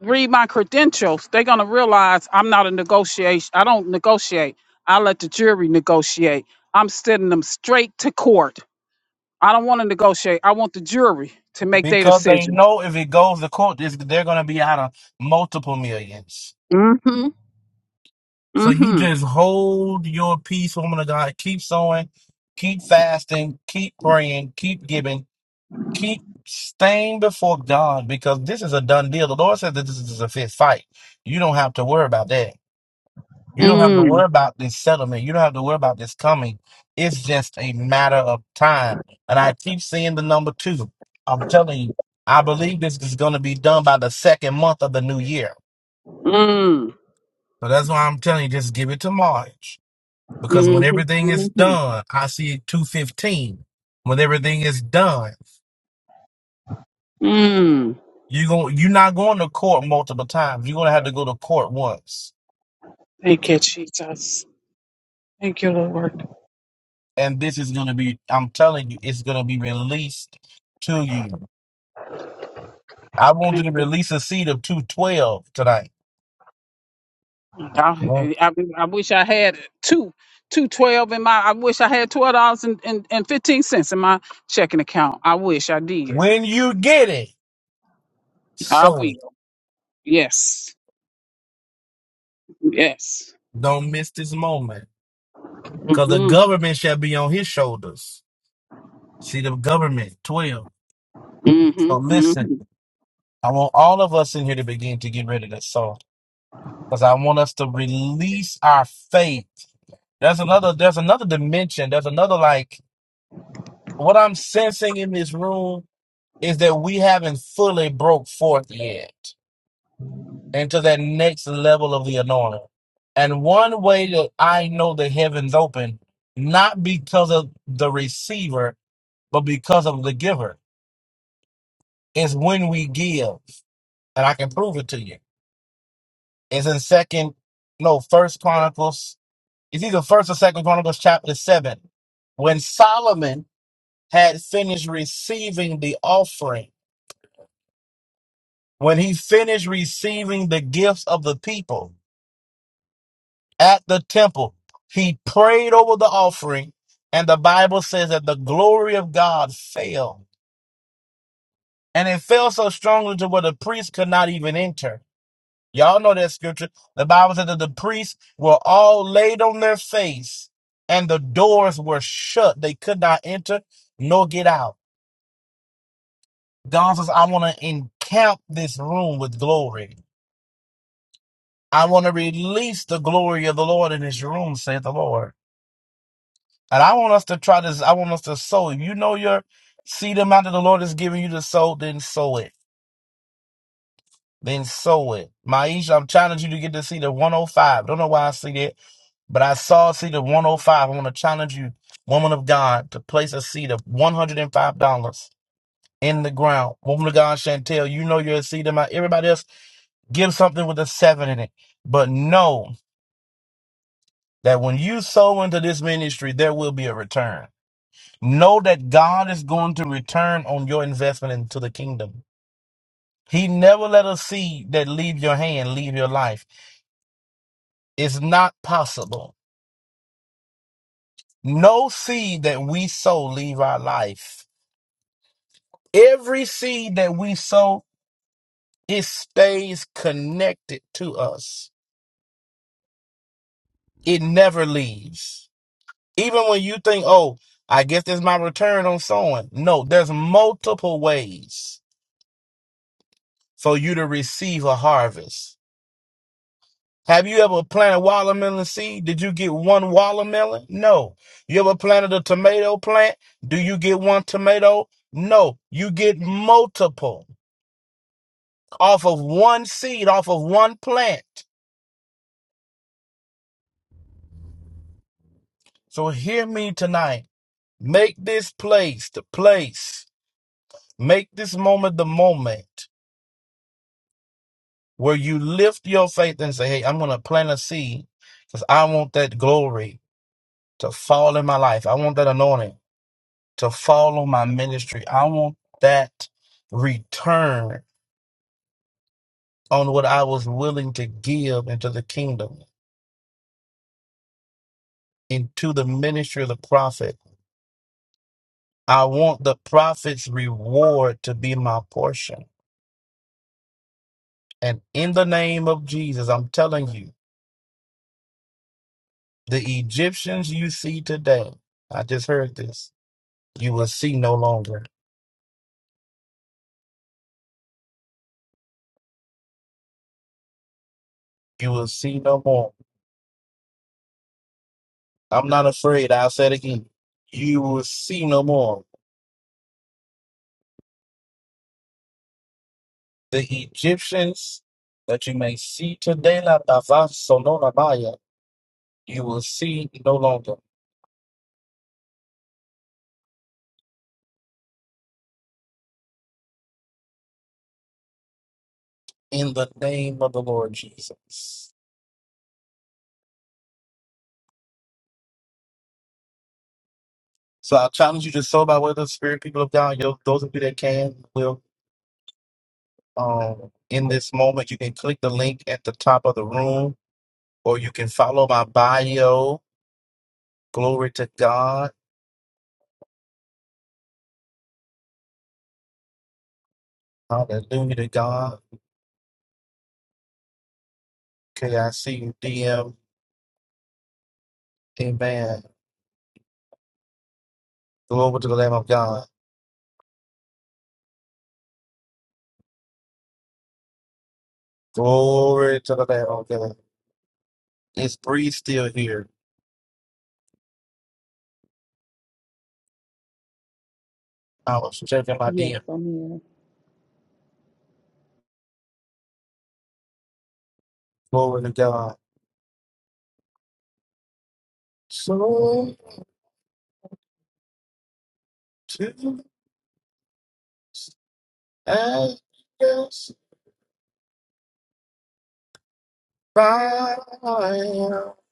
Speaker 6: read my credentials, they're gonna realize I'm not a negotiation. I don't negotiate. I let the jury negotiate. I'm sending them straight to court. I don't want to negotiate. I want the jury to make their
Speaker 1: because they
Speaker 6: decision.
Speaker 1: know if it goes to court, it's, they're going to be out of multiple millions.
Speaker 6: Mm-hmm.
Speaker 1: So you
Speaker 6: Mm-hmm.
Speaker 1: just hold your peace, woman of God. Keep sowing, keep fasting, keep praying, keep giving keep staying before God because this is a done deal. The Lord said that this is a fifth fight. You don't have to worry about that. You don't have to worry
Speaker 6: Mm.
Speaker 1: about this settlement. You don't have to worry about this coming. It's just a matter of time. And I keep seeing the number two. I'm telling you, I believe this is going to be done by the second month of the new year.
Speaker 6: Mm.
Speaker 1: So that's why I'm telling you, just give it to March. Because when
Speaker 6: Mm-hmm.
Speaker 1: everything is
Speaker 6: Mm-hmm.
Speaker 1: done, I see it 215. When everything is done.
Speaker 6: Mm.
Speaker 1: You going you're not going to court multiple times. You're gonna have to go to court once.
Speaker 6: Thank you, Jesus. Thank you, Lord.
Speaker 1: And this is gonna be I'm telling you, it's gonna be released to you. I want you
Speaker 6: Thank
Speaker 1: to
Speaker 6: you.
Speaker 1: release a seed of two twelve tonight.
Speaker 6: I,
Speaker 1: Oh.
Speaker 6: I, I wish I had two two twelve in my. I wish I had twelve dollars and, and, and fifteen cents in my checking account. I wish I did.
Speaker 1: When you get it,
Speaker 6: I
Speaker 1: so
Speaker 6: will. Yes. Yes.
Speaker 1: don't miss this moment.
Speaker 6: Mm
Speaker 1: Cause the
Speaker 6: mm.
Speaker 1: government shall be on his shoulders. See the government, twelve. So
Speaker 6: Mm-hmm.
Speaker 1: listen, I want all of us in here to begin to get ready to sow. Because I want us to release our faith. There's another, there's another dimension. There's another like what I'm sensing in this room is that we haven't fully broke forth yet into that next level of the anointing. And one way that I know the heavens open, not because of the receiver, but because of the giver, is when we give. And I can prove it to you. It's in second, no, first Chronicles. It's either first or second Chronicles chapter seven. When Solomon had finished receiving the offering When he finished receiving the gifts of the people at the temple, he prayed over the offering, and the Bible says that the glory of God fell. And it fell so strongly to where the priests could not even enter. Y'all know that scripture. The Bible said that the priests were all laid on their face, and the doors were shut. They could not enter nor get out. God says, I want to encamp this room with glory. I want to release the glory of the Lord in this room, saith the Lord. And I want us to try this. I want us to sow. If you know your seed amount that the Lord is giving you to sow, then sow it. Then sow it. Maisha, I'm challenging you to get the seed of 105. Don't know why I see that, but I saw a seed of 105. I want to challenge you, woman of God, to place a seed of $105 in the ground. Woman of God, Chantel, you know your seed amount. Everybody else, give something with a seven in it. But no. that when you sow into this ministry, there will be a return. Know that God is going to return on your investment into the kingdom. He never let a seed that leave your hand leave your life. It's not possible. No seed that we sow leave our life. Every seed that we sow, it stays connected to us. It never leaves. Even when you think, oh, I guess there's my return on sowing. No, there's multiple ways for you to receive a harvest. Have you ever planted watermelon seed? Did you get one watermelon? No. You ever planted a tomato plant? Do you get one tomato? No. You get multiple off of one seed, off of one plant. So hear me tonight. Make this place the place. Make this moment the moment where you lift your faith and say, Hey, I'm going to plant a seed because I want that glory to fall in my life. I want that anointing. to follow my ministry. I want that return on what I was willing to give into the kingdom, into the ministry of the prophet. I want the prophet's reward to be my portion. And in the name of Jesus, I'm telling you, the Egyptians you see today, I just heard this, you will see no longer. You will see no more. I'm not afraid. I'll say it again. You will see no more. the Egyptians that you may see today, la tava sonora maya, you will see no longer in the name of the Lord Jesus. So I challenge you to sow by way of the Spirit, people of God. Yo, those of you that can, will um, in this moment, you can click the link at the top of the room, or you can follow my bio. Glory to God. Hallelujah to God. Okay, I see you, DM. Amen. Glory to the Lamb of God. Glory to the Lamb of God. Is Bree still here? I was checking my
Speaker 7: Yes,
Speaker 1: DM.
Speaker 7: I'm here.
Speaker 1: Glory to God. So to Agnes by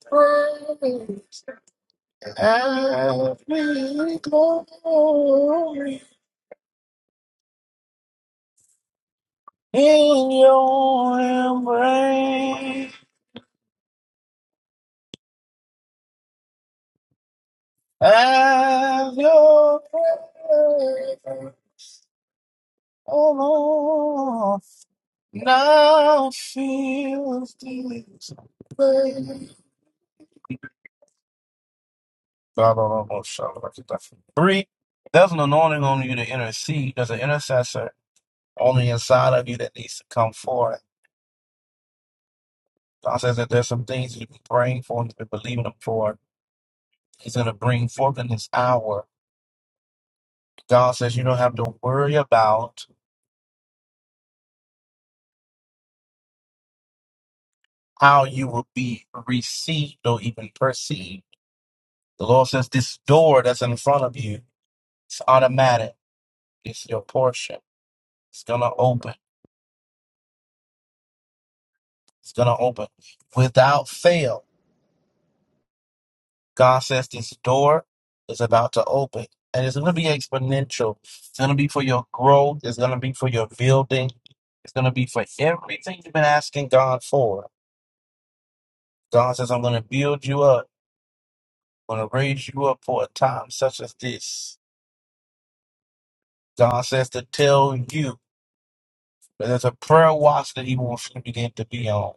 Speaker 1: praise every glory in your embrace as your prayer, oh Lord, now feels this. way. Three, there's an anointing on you to intercede. There's an intercessor on the inside of you that needs to come forward. God says that there's some things you've been praying for and you've been believing Him for. He's going to bring forth in His hour. God says you don't have to worry about how you will be received or even perceived. The Lord says this door that's in front of you, it's automatic. It's your portion. It's going to open. It's going to open without fail. God says this door is about to open. And it's going to be exponential. It's going to be for your growth. It's going to be for your building. It's going to be for everything you've been asking God for. God says, I'm going to build you up. I'm going to raise you up for a time such as this. God says to tell you that there's a prayer watch that He wants you to begin to be on.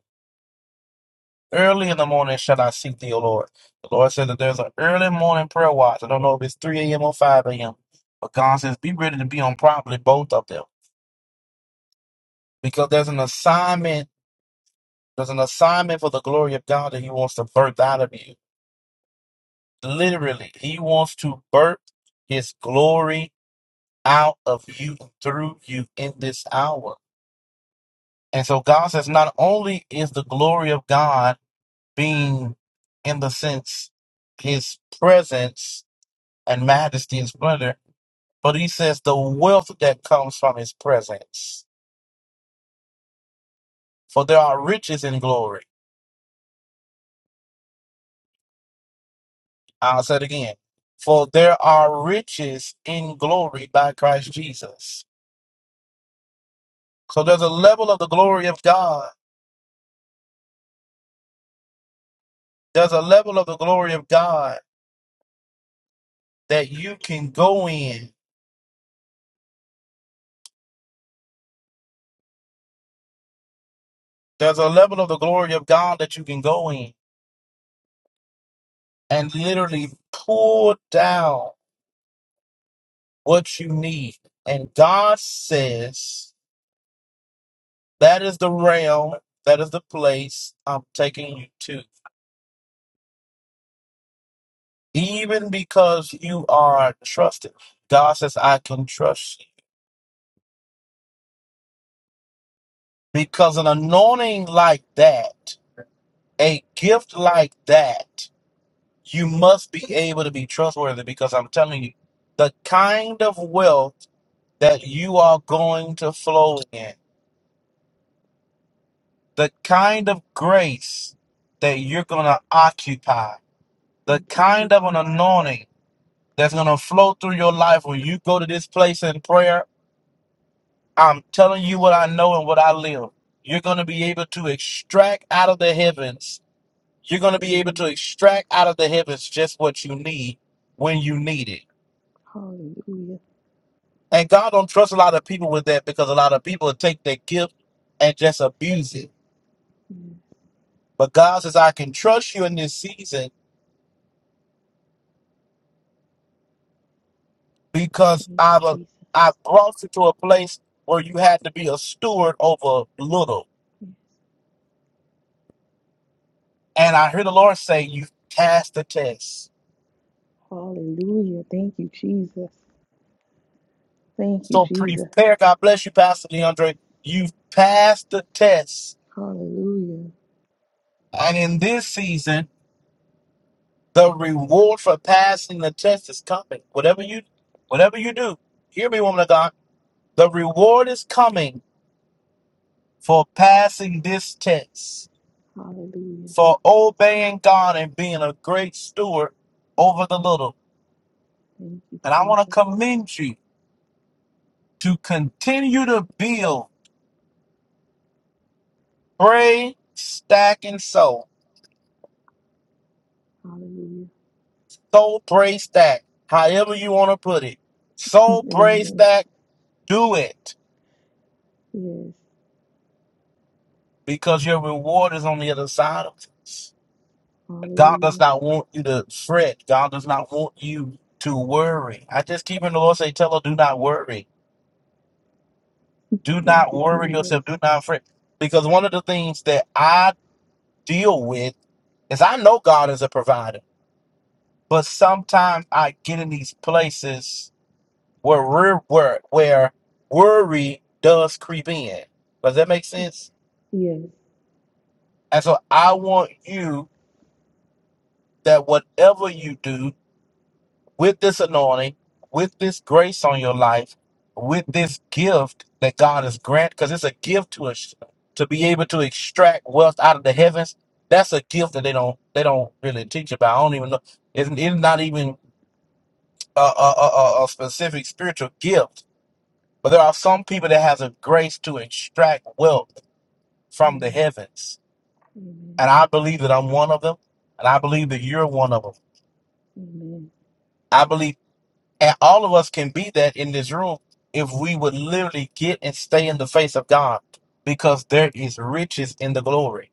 Speaker 1: Early in the morning shall I seek thee, O Lord. The Lord said that there's an early morning prayer watch. I don't know if it's 3 a.m. or 5 a.m. But God says, be ready to be on properly both of them. Because there's an assignment, there's an assignment for the glory of God that He wants to birth out of you. Literally, He wants to birth His glory out of you through you in this hour. And so God says, not only is the glory of God being in the sense His presence and majesty and splendor, but he says the wealth that comes from his presence. For there are riches in glory. I'll say it again. For there are riches in glory by Christ Jesus. So there's a level of the glory of God. There's a level of the glory of God that you can go in. There's a level of the glory of God that you can go in and literally pull down what you need. And God says, That is the realm, that is the place I'm taking you to. Even because you are trusted, God says, I can trust you. Because an anointing like that, a gift like that, you must be able to be trustworthy because I'm telling you, the kind of wealth that you are going to flow in, the kind of grace that you're going to occupy, the
Speaker 7: Thank you,
Speaker 1: kind
Speaker 7: Jesus.
Speaker 1: of an anointing. that's going to flow through your life when you go to this place in prayer. I'm telling you what I know and what I live. You're going to be able to extract out of the heavens. You're going to be able to
Speaker 7: Hallelujah.
Speaker 1: extract out of the heavens just what you need when you need it.
Speaker 7: Hallelujah.
Speaker 1: And God don't trust a lot of people with that because a lot of people take their gift and just abuse it.
Speaker 7: Yes.
Speaker 1: But God says, I can trust you in this season because
Speaker 7: Thank you,
Speaker 1: I've,
Speaker 7: Jesus.
Speaker 1: I've brought you to a place where you had to be a steward over little.
Speaker 7: Yes.
Speaker 1: And I hear the Lord say, You've passed the test.
Speaker 7: Hallelujah. Thank you, Jesus. Thank you,
Speaker 1: So
Speaker 7: Jesus.
Speaker 1: prepare. God bless you, Pastor DeAndre. You've passed the test.
Speaker 7: Hallelujah.
Speaker 1: And in this season, the reward for passing the test is coming. Whatever you whatever you do, hear me, woman of God. The reward is coming for passing this test,
Speaker 7: Hallelujah.
Speaker 1: for obeying God and being a great steward over the little.
Speaker 7: Thank you,
Speaker 1: And I want to
Speaker 7: Jesus.
Speaker 1: commend you to continue to build, pray, stack, and sow
Speaker 7: Hallelujah.
Speaker 1: Soul pray Stack, however you want to put it. Soul pray
Speaker 7: Amen.
Speaker 1: Stack, do it
Speaker 7: Yes.
Speaker 1: because your reward is on the other side of this. God does
Speaker 7: Hallelujah.
Speaker 1: not want you to fret. God does not want you to worry. I just keep in the Lord say, tell her, do not worry. Do
Speaker 7: Thank
Speaker 1: not
Speaker 7: you,
Speaker 1: worry
Speaker 7: Jesus.
Speaker 1: yourself. Do not fret. Because one of the things that I deal with is I know God is a provider, but sometimes I get in these places where wor- where where worry does creep in. Does that make sense?
Speaker 7: Yes.
Speaker 1: And so I want you that whatever you do with this anointing, with this grace on your life, with this gift that God has granted, because it's a gift to us to be able to extract wealth out of the heavens. That's a gift that they don't they don't really teach about. I don't even know. It's, it's not even a, a, a, a a specific spiritual gift. But there are some people that has a grace to extract wealth from the
Speaker 7: Amen.
Speaker 1: heavens.
Speaker 7: Amen.
Speaker 1: And I believe that I'm one of them. And I believe that you're one of them.
Speaker 7: Amen.
Speaker 1: I believe, and all of us can be that in this room if we would literally get and stay in the face of God because there is riches in the glory,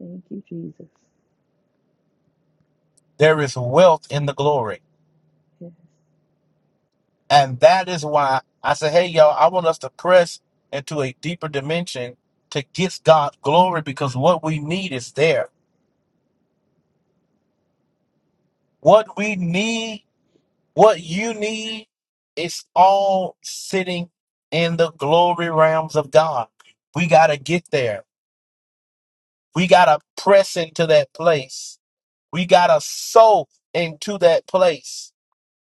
Speaker 7: Thank you, Jesus.
Speaker 1: there is wealth in the glory.
Speaker 7: Yes.
Speaker 1: And that is why I say, hey, y'all, I want us to press into a deeper dimension to get God glory because what we need is there. What we need What you need is all sitting in the glory realms of God. We got to get there. We got to press into that place. We got to sow into that place.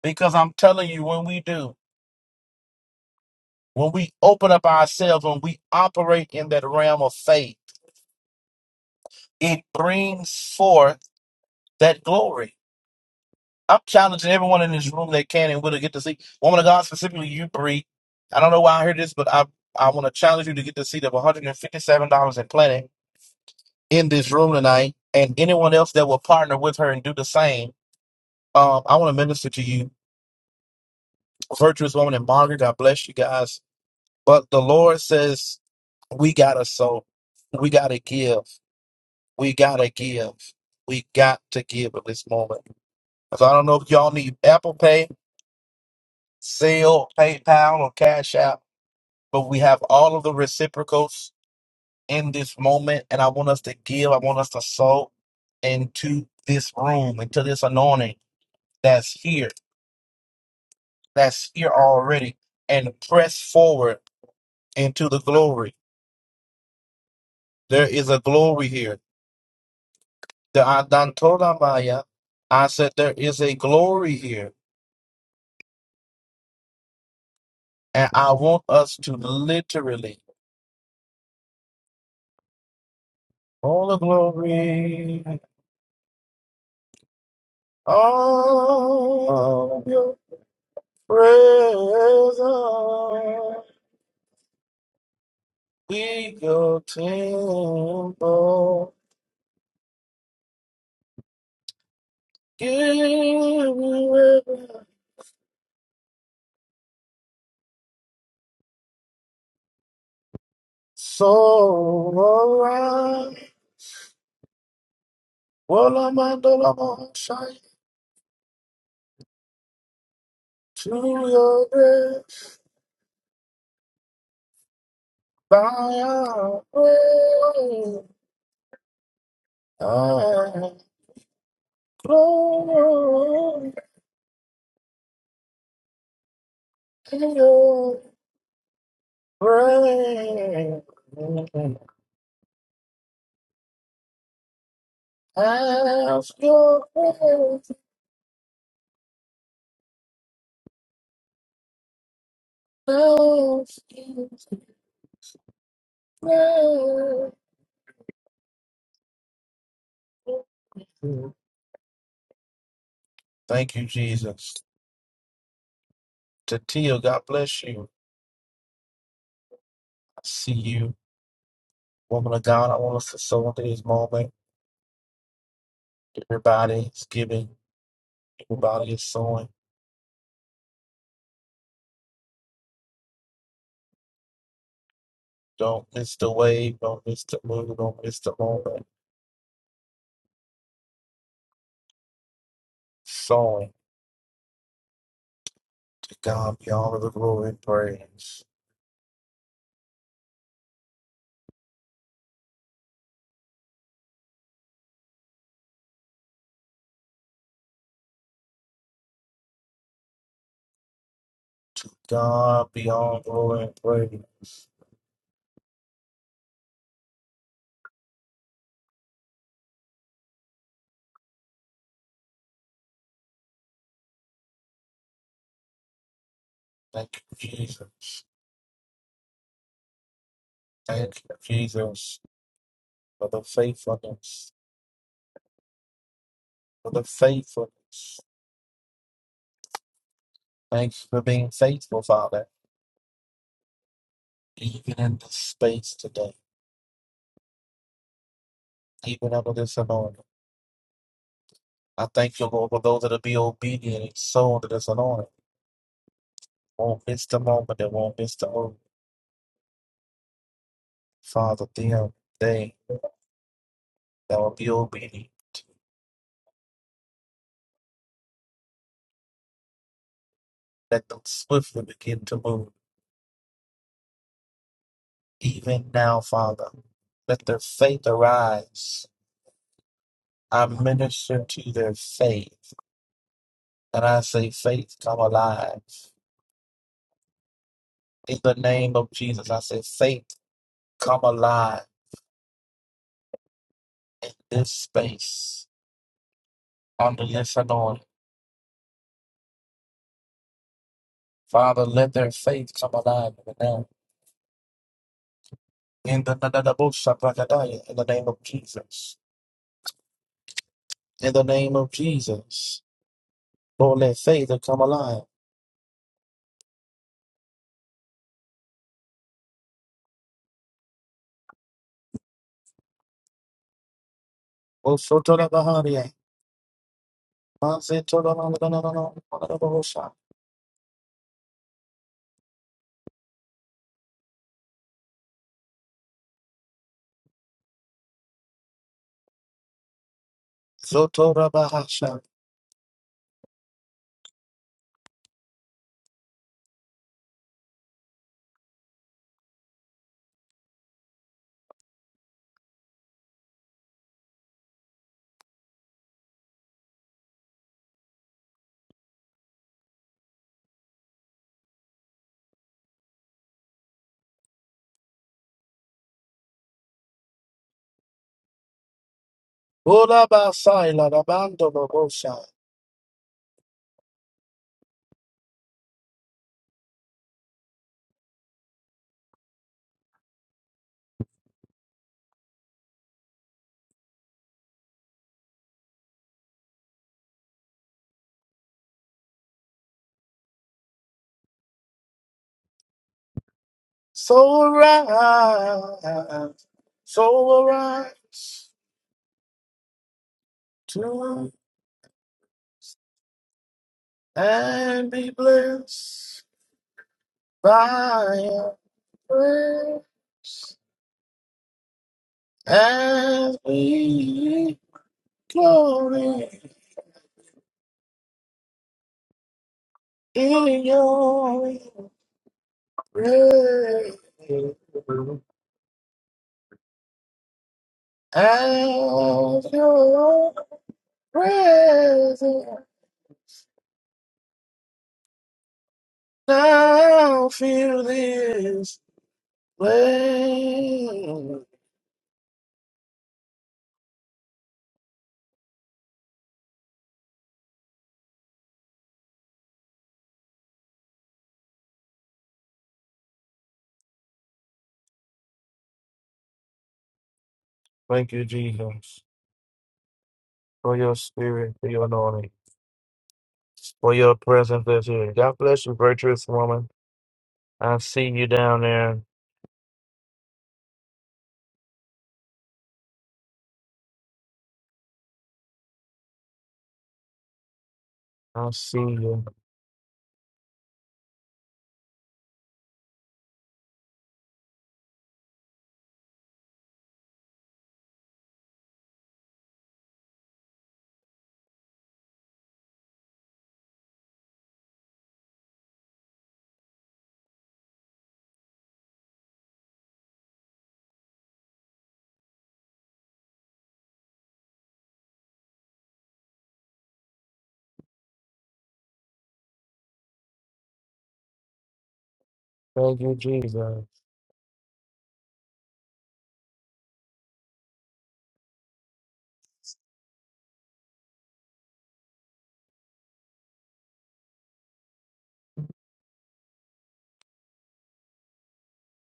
Speaker 1: Because I'm telling you, when we do, when we open up ourselves, when we operate in that realm of faith, it brings forth that glory. I'm challenging everyone in this room that can and will to get to see woman of God, specifically you, Bree. I don't know why I heard this, but I I want to challenge you to get the seat of $157 in Planet in this room tonight, and anyone else that will partner with her and do the same. Um, I want to minister to you, virtuous woman and Margaret. God bless you guys. But the Lord says we gotta sow, we gotta give, we gotta give, we got to give at this moment. So I don't know if y'all need Apple Pay, Zelle, PayPal, or Cash App. but we have all of the reciprocals in this moment. And I want us to give, I want us to sow into this room, into this anointing that's here, that's here already, and press forward into the glory. There is a glory here. The Adantolamaya, I said there is a glory here. And I want us to literally, all the glory, all of your presence. We go temple, give you every soul around. Wola mandola moshai to your grace, by your grace, I glory in your grace. Ask your grace, ask your grace. Thank you, Jesus. Tatia, God bless you. I see you. Woman of God, I want us to sow into this moment. Everybody is giving, everybody is sowing. Don't miss the wave, don't miss the move, don't miss the moment. Sowing. To God be all of the glory and praise. To God be all the glory and praise. Thank you, Jesus. Thank you, Jesus, for the faithfulness, for the faithfulness. Thanks for being faithful, Father, even in this space today. even under this anointing. I thank you, Lord, for those that'll be obedient and sold under this anointing. Won't miss the moment, they won't miss the hour. Father, them, they that will be obedient, let them swiftly begin to move. Even now, Father, let their faith arise. I minister to their faith, and I say, faith, come alive. In the name of Jesus, I say, faith, come alive in this space, under this anointing. Father, let their faith come alive even now. In the na- na- na- bo- sha- ba- ga- da- ya. in the name of Jesus. In the name of Jesus. Lord, let faith come alive. Oh, so to the Baharia. Ma- se- to the na- na- na- na- na- na- na- na- bo- sha. So to the Bahasha. Oh, la- ba- sa- la- la- ba- do- bo- bo- sha. So arise, so arise to and be blessed by your grace. As we glory in your praise, as your presence now fill this place. Thank you, Jesus, for your spirit, for your anointing, for your presence that's here. God bless you, virtuous woman. I see you down there. I see you. Thank you, Jesus.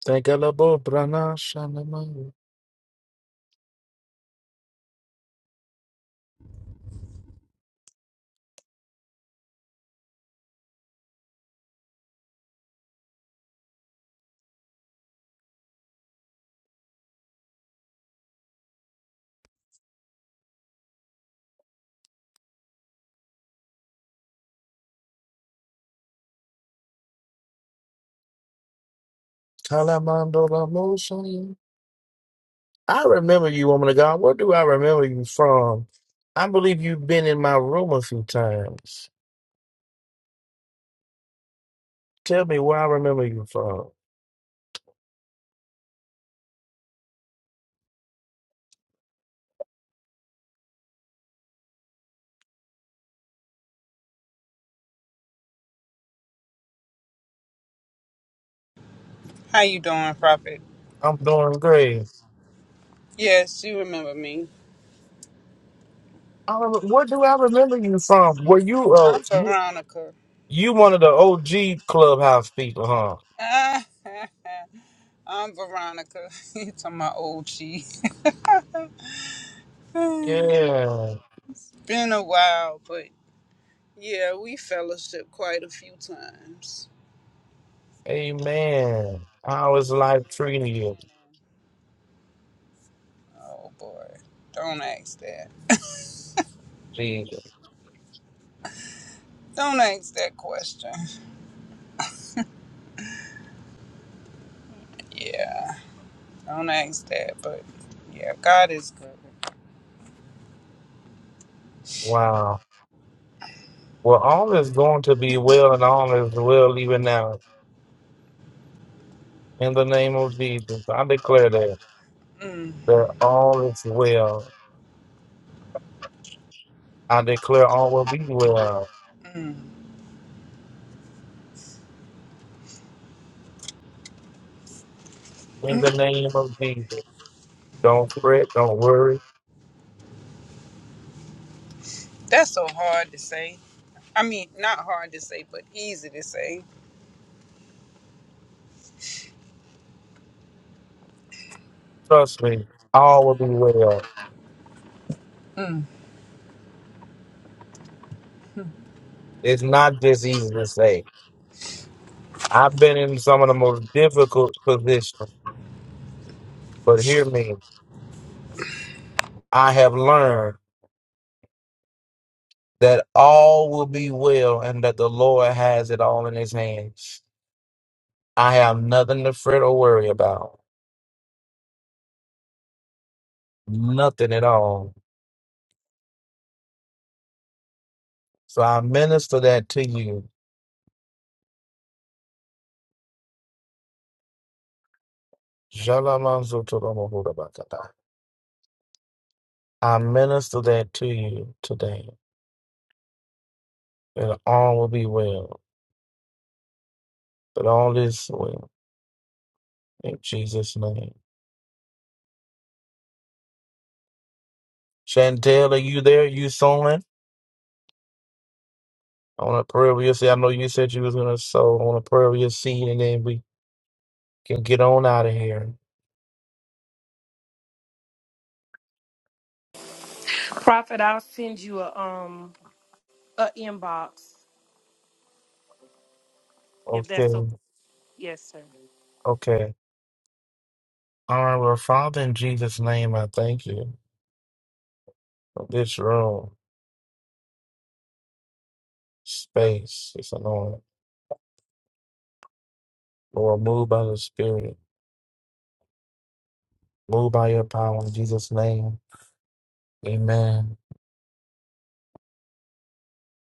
Speaker 1: Tegalabo brana shanamaya. Kalamando lamosaya. I remember you, woman of God. Where do I remember you from? I believe you've been in my room a few times. Tell me where I remember you from.
Speaker 8: How you doing, Prophet?
Speaker 1: I'm doing great.
Speaker 8: Yes, you remember me.
Speaker 1: I remember, where do I remember you from? Were you uh
Speaker 8: I'm
Speaker 1: you
Speaker 8: Veronica.
Speaker 1: you one of the OG clubhouse people, huh?
Speaker 8: I'm Veronica. it's on my old cheese. Been
Speaker 1: Yeah.
Speaker 8: a while, but yeah, we fellowship quite a few times.
Speaker 1: Amen. How is
Speaker 8: From
Speaker 1: life
Speaker 8: the
Speaker 1: treating you?
Speaker 8: beginning. Oh boy. Don't ask that.
Speaker 1: Jesus.
Speaker 8: Don't ask that question. Yeah, don't ask that, but yeah, God is good.
Speaker 1: Wow. Well, all is going to
Speaker 8: You,
Speaker 1: be well, and all is well even now. In the name of Jesus, I declare that
Speaker 8: mm,
Speaker 1: that all is well. I declare all will be well.
Speaker 8: mm.
Speaker 1: In the name of Jesus, don't fret, don't worry.
Speaker 8: That's so hard to say. I mean, not hard to say, but easy to say.
Speaker 1: Trust me, all will be well. It's not just easy to say. I've been in some of the most difficult positions, but hear me. I have learned that all will be well, and that the Lord has it all in His hands. I have nothing to fret or worry about. nothing at all. So I minister that to you. Shalamazotoromahorabakata. I minister that to you today. That all will be well. That all is well. In Jesus' name. Chantel, are you there? You sowing? I want to pray over your seed. I know you said you was going to sow. I want to pray over your seed and then we can get on out of here.
Speaker 4: Prophet, I'll send you a um a inbox if
Speaker 1: Okay.
Speaker 4: that's okay. Yes, sir.
Speaker 1: Okay. All right. Well, Father, in Jesus' name, I thank you for this room, space, this anointing. Lord, move by the Spirit, move by your power in Jesus' name. Amen.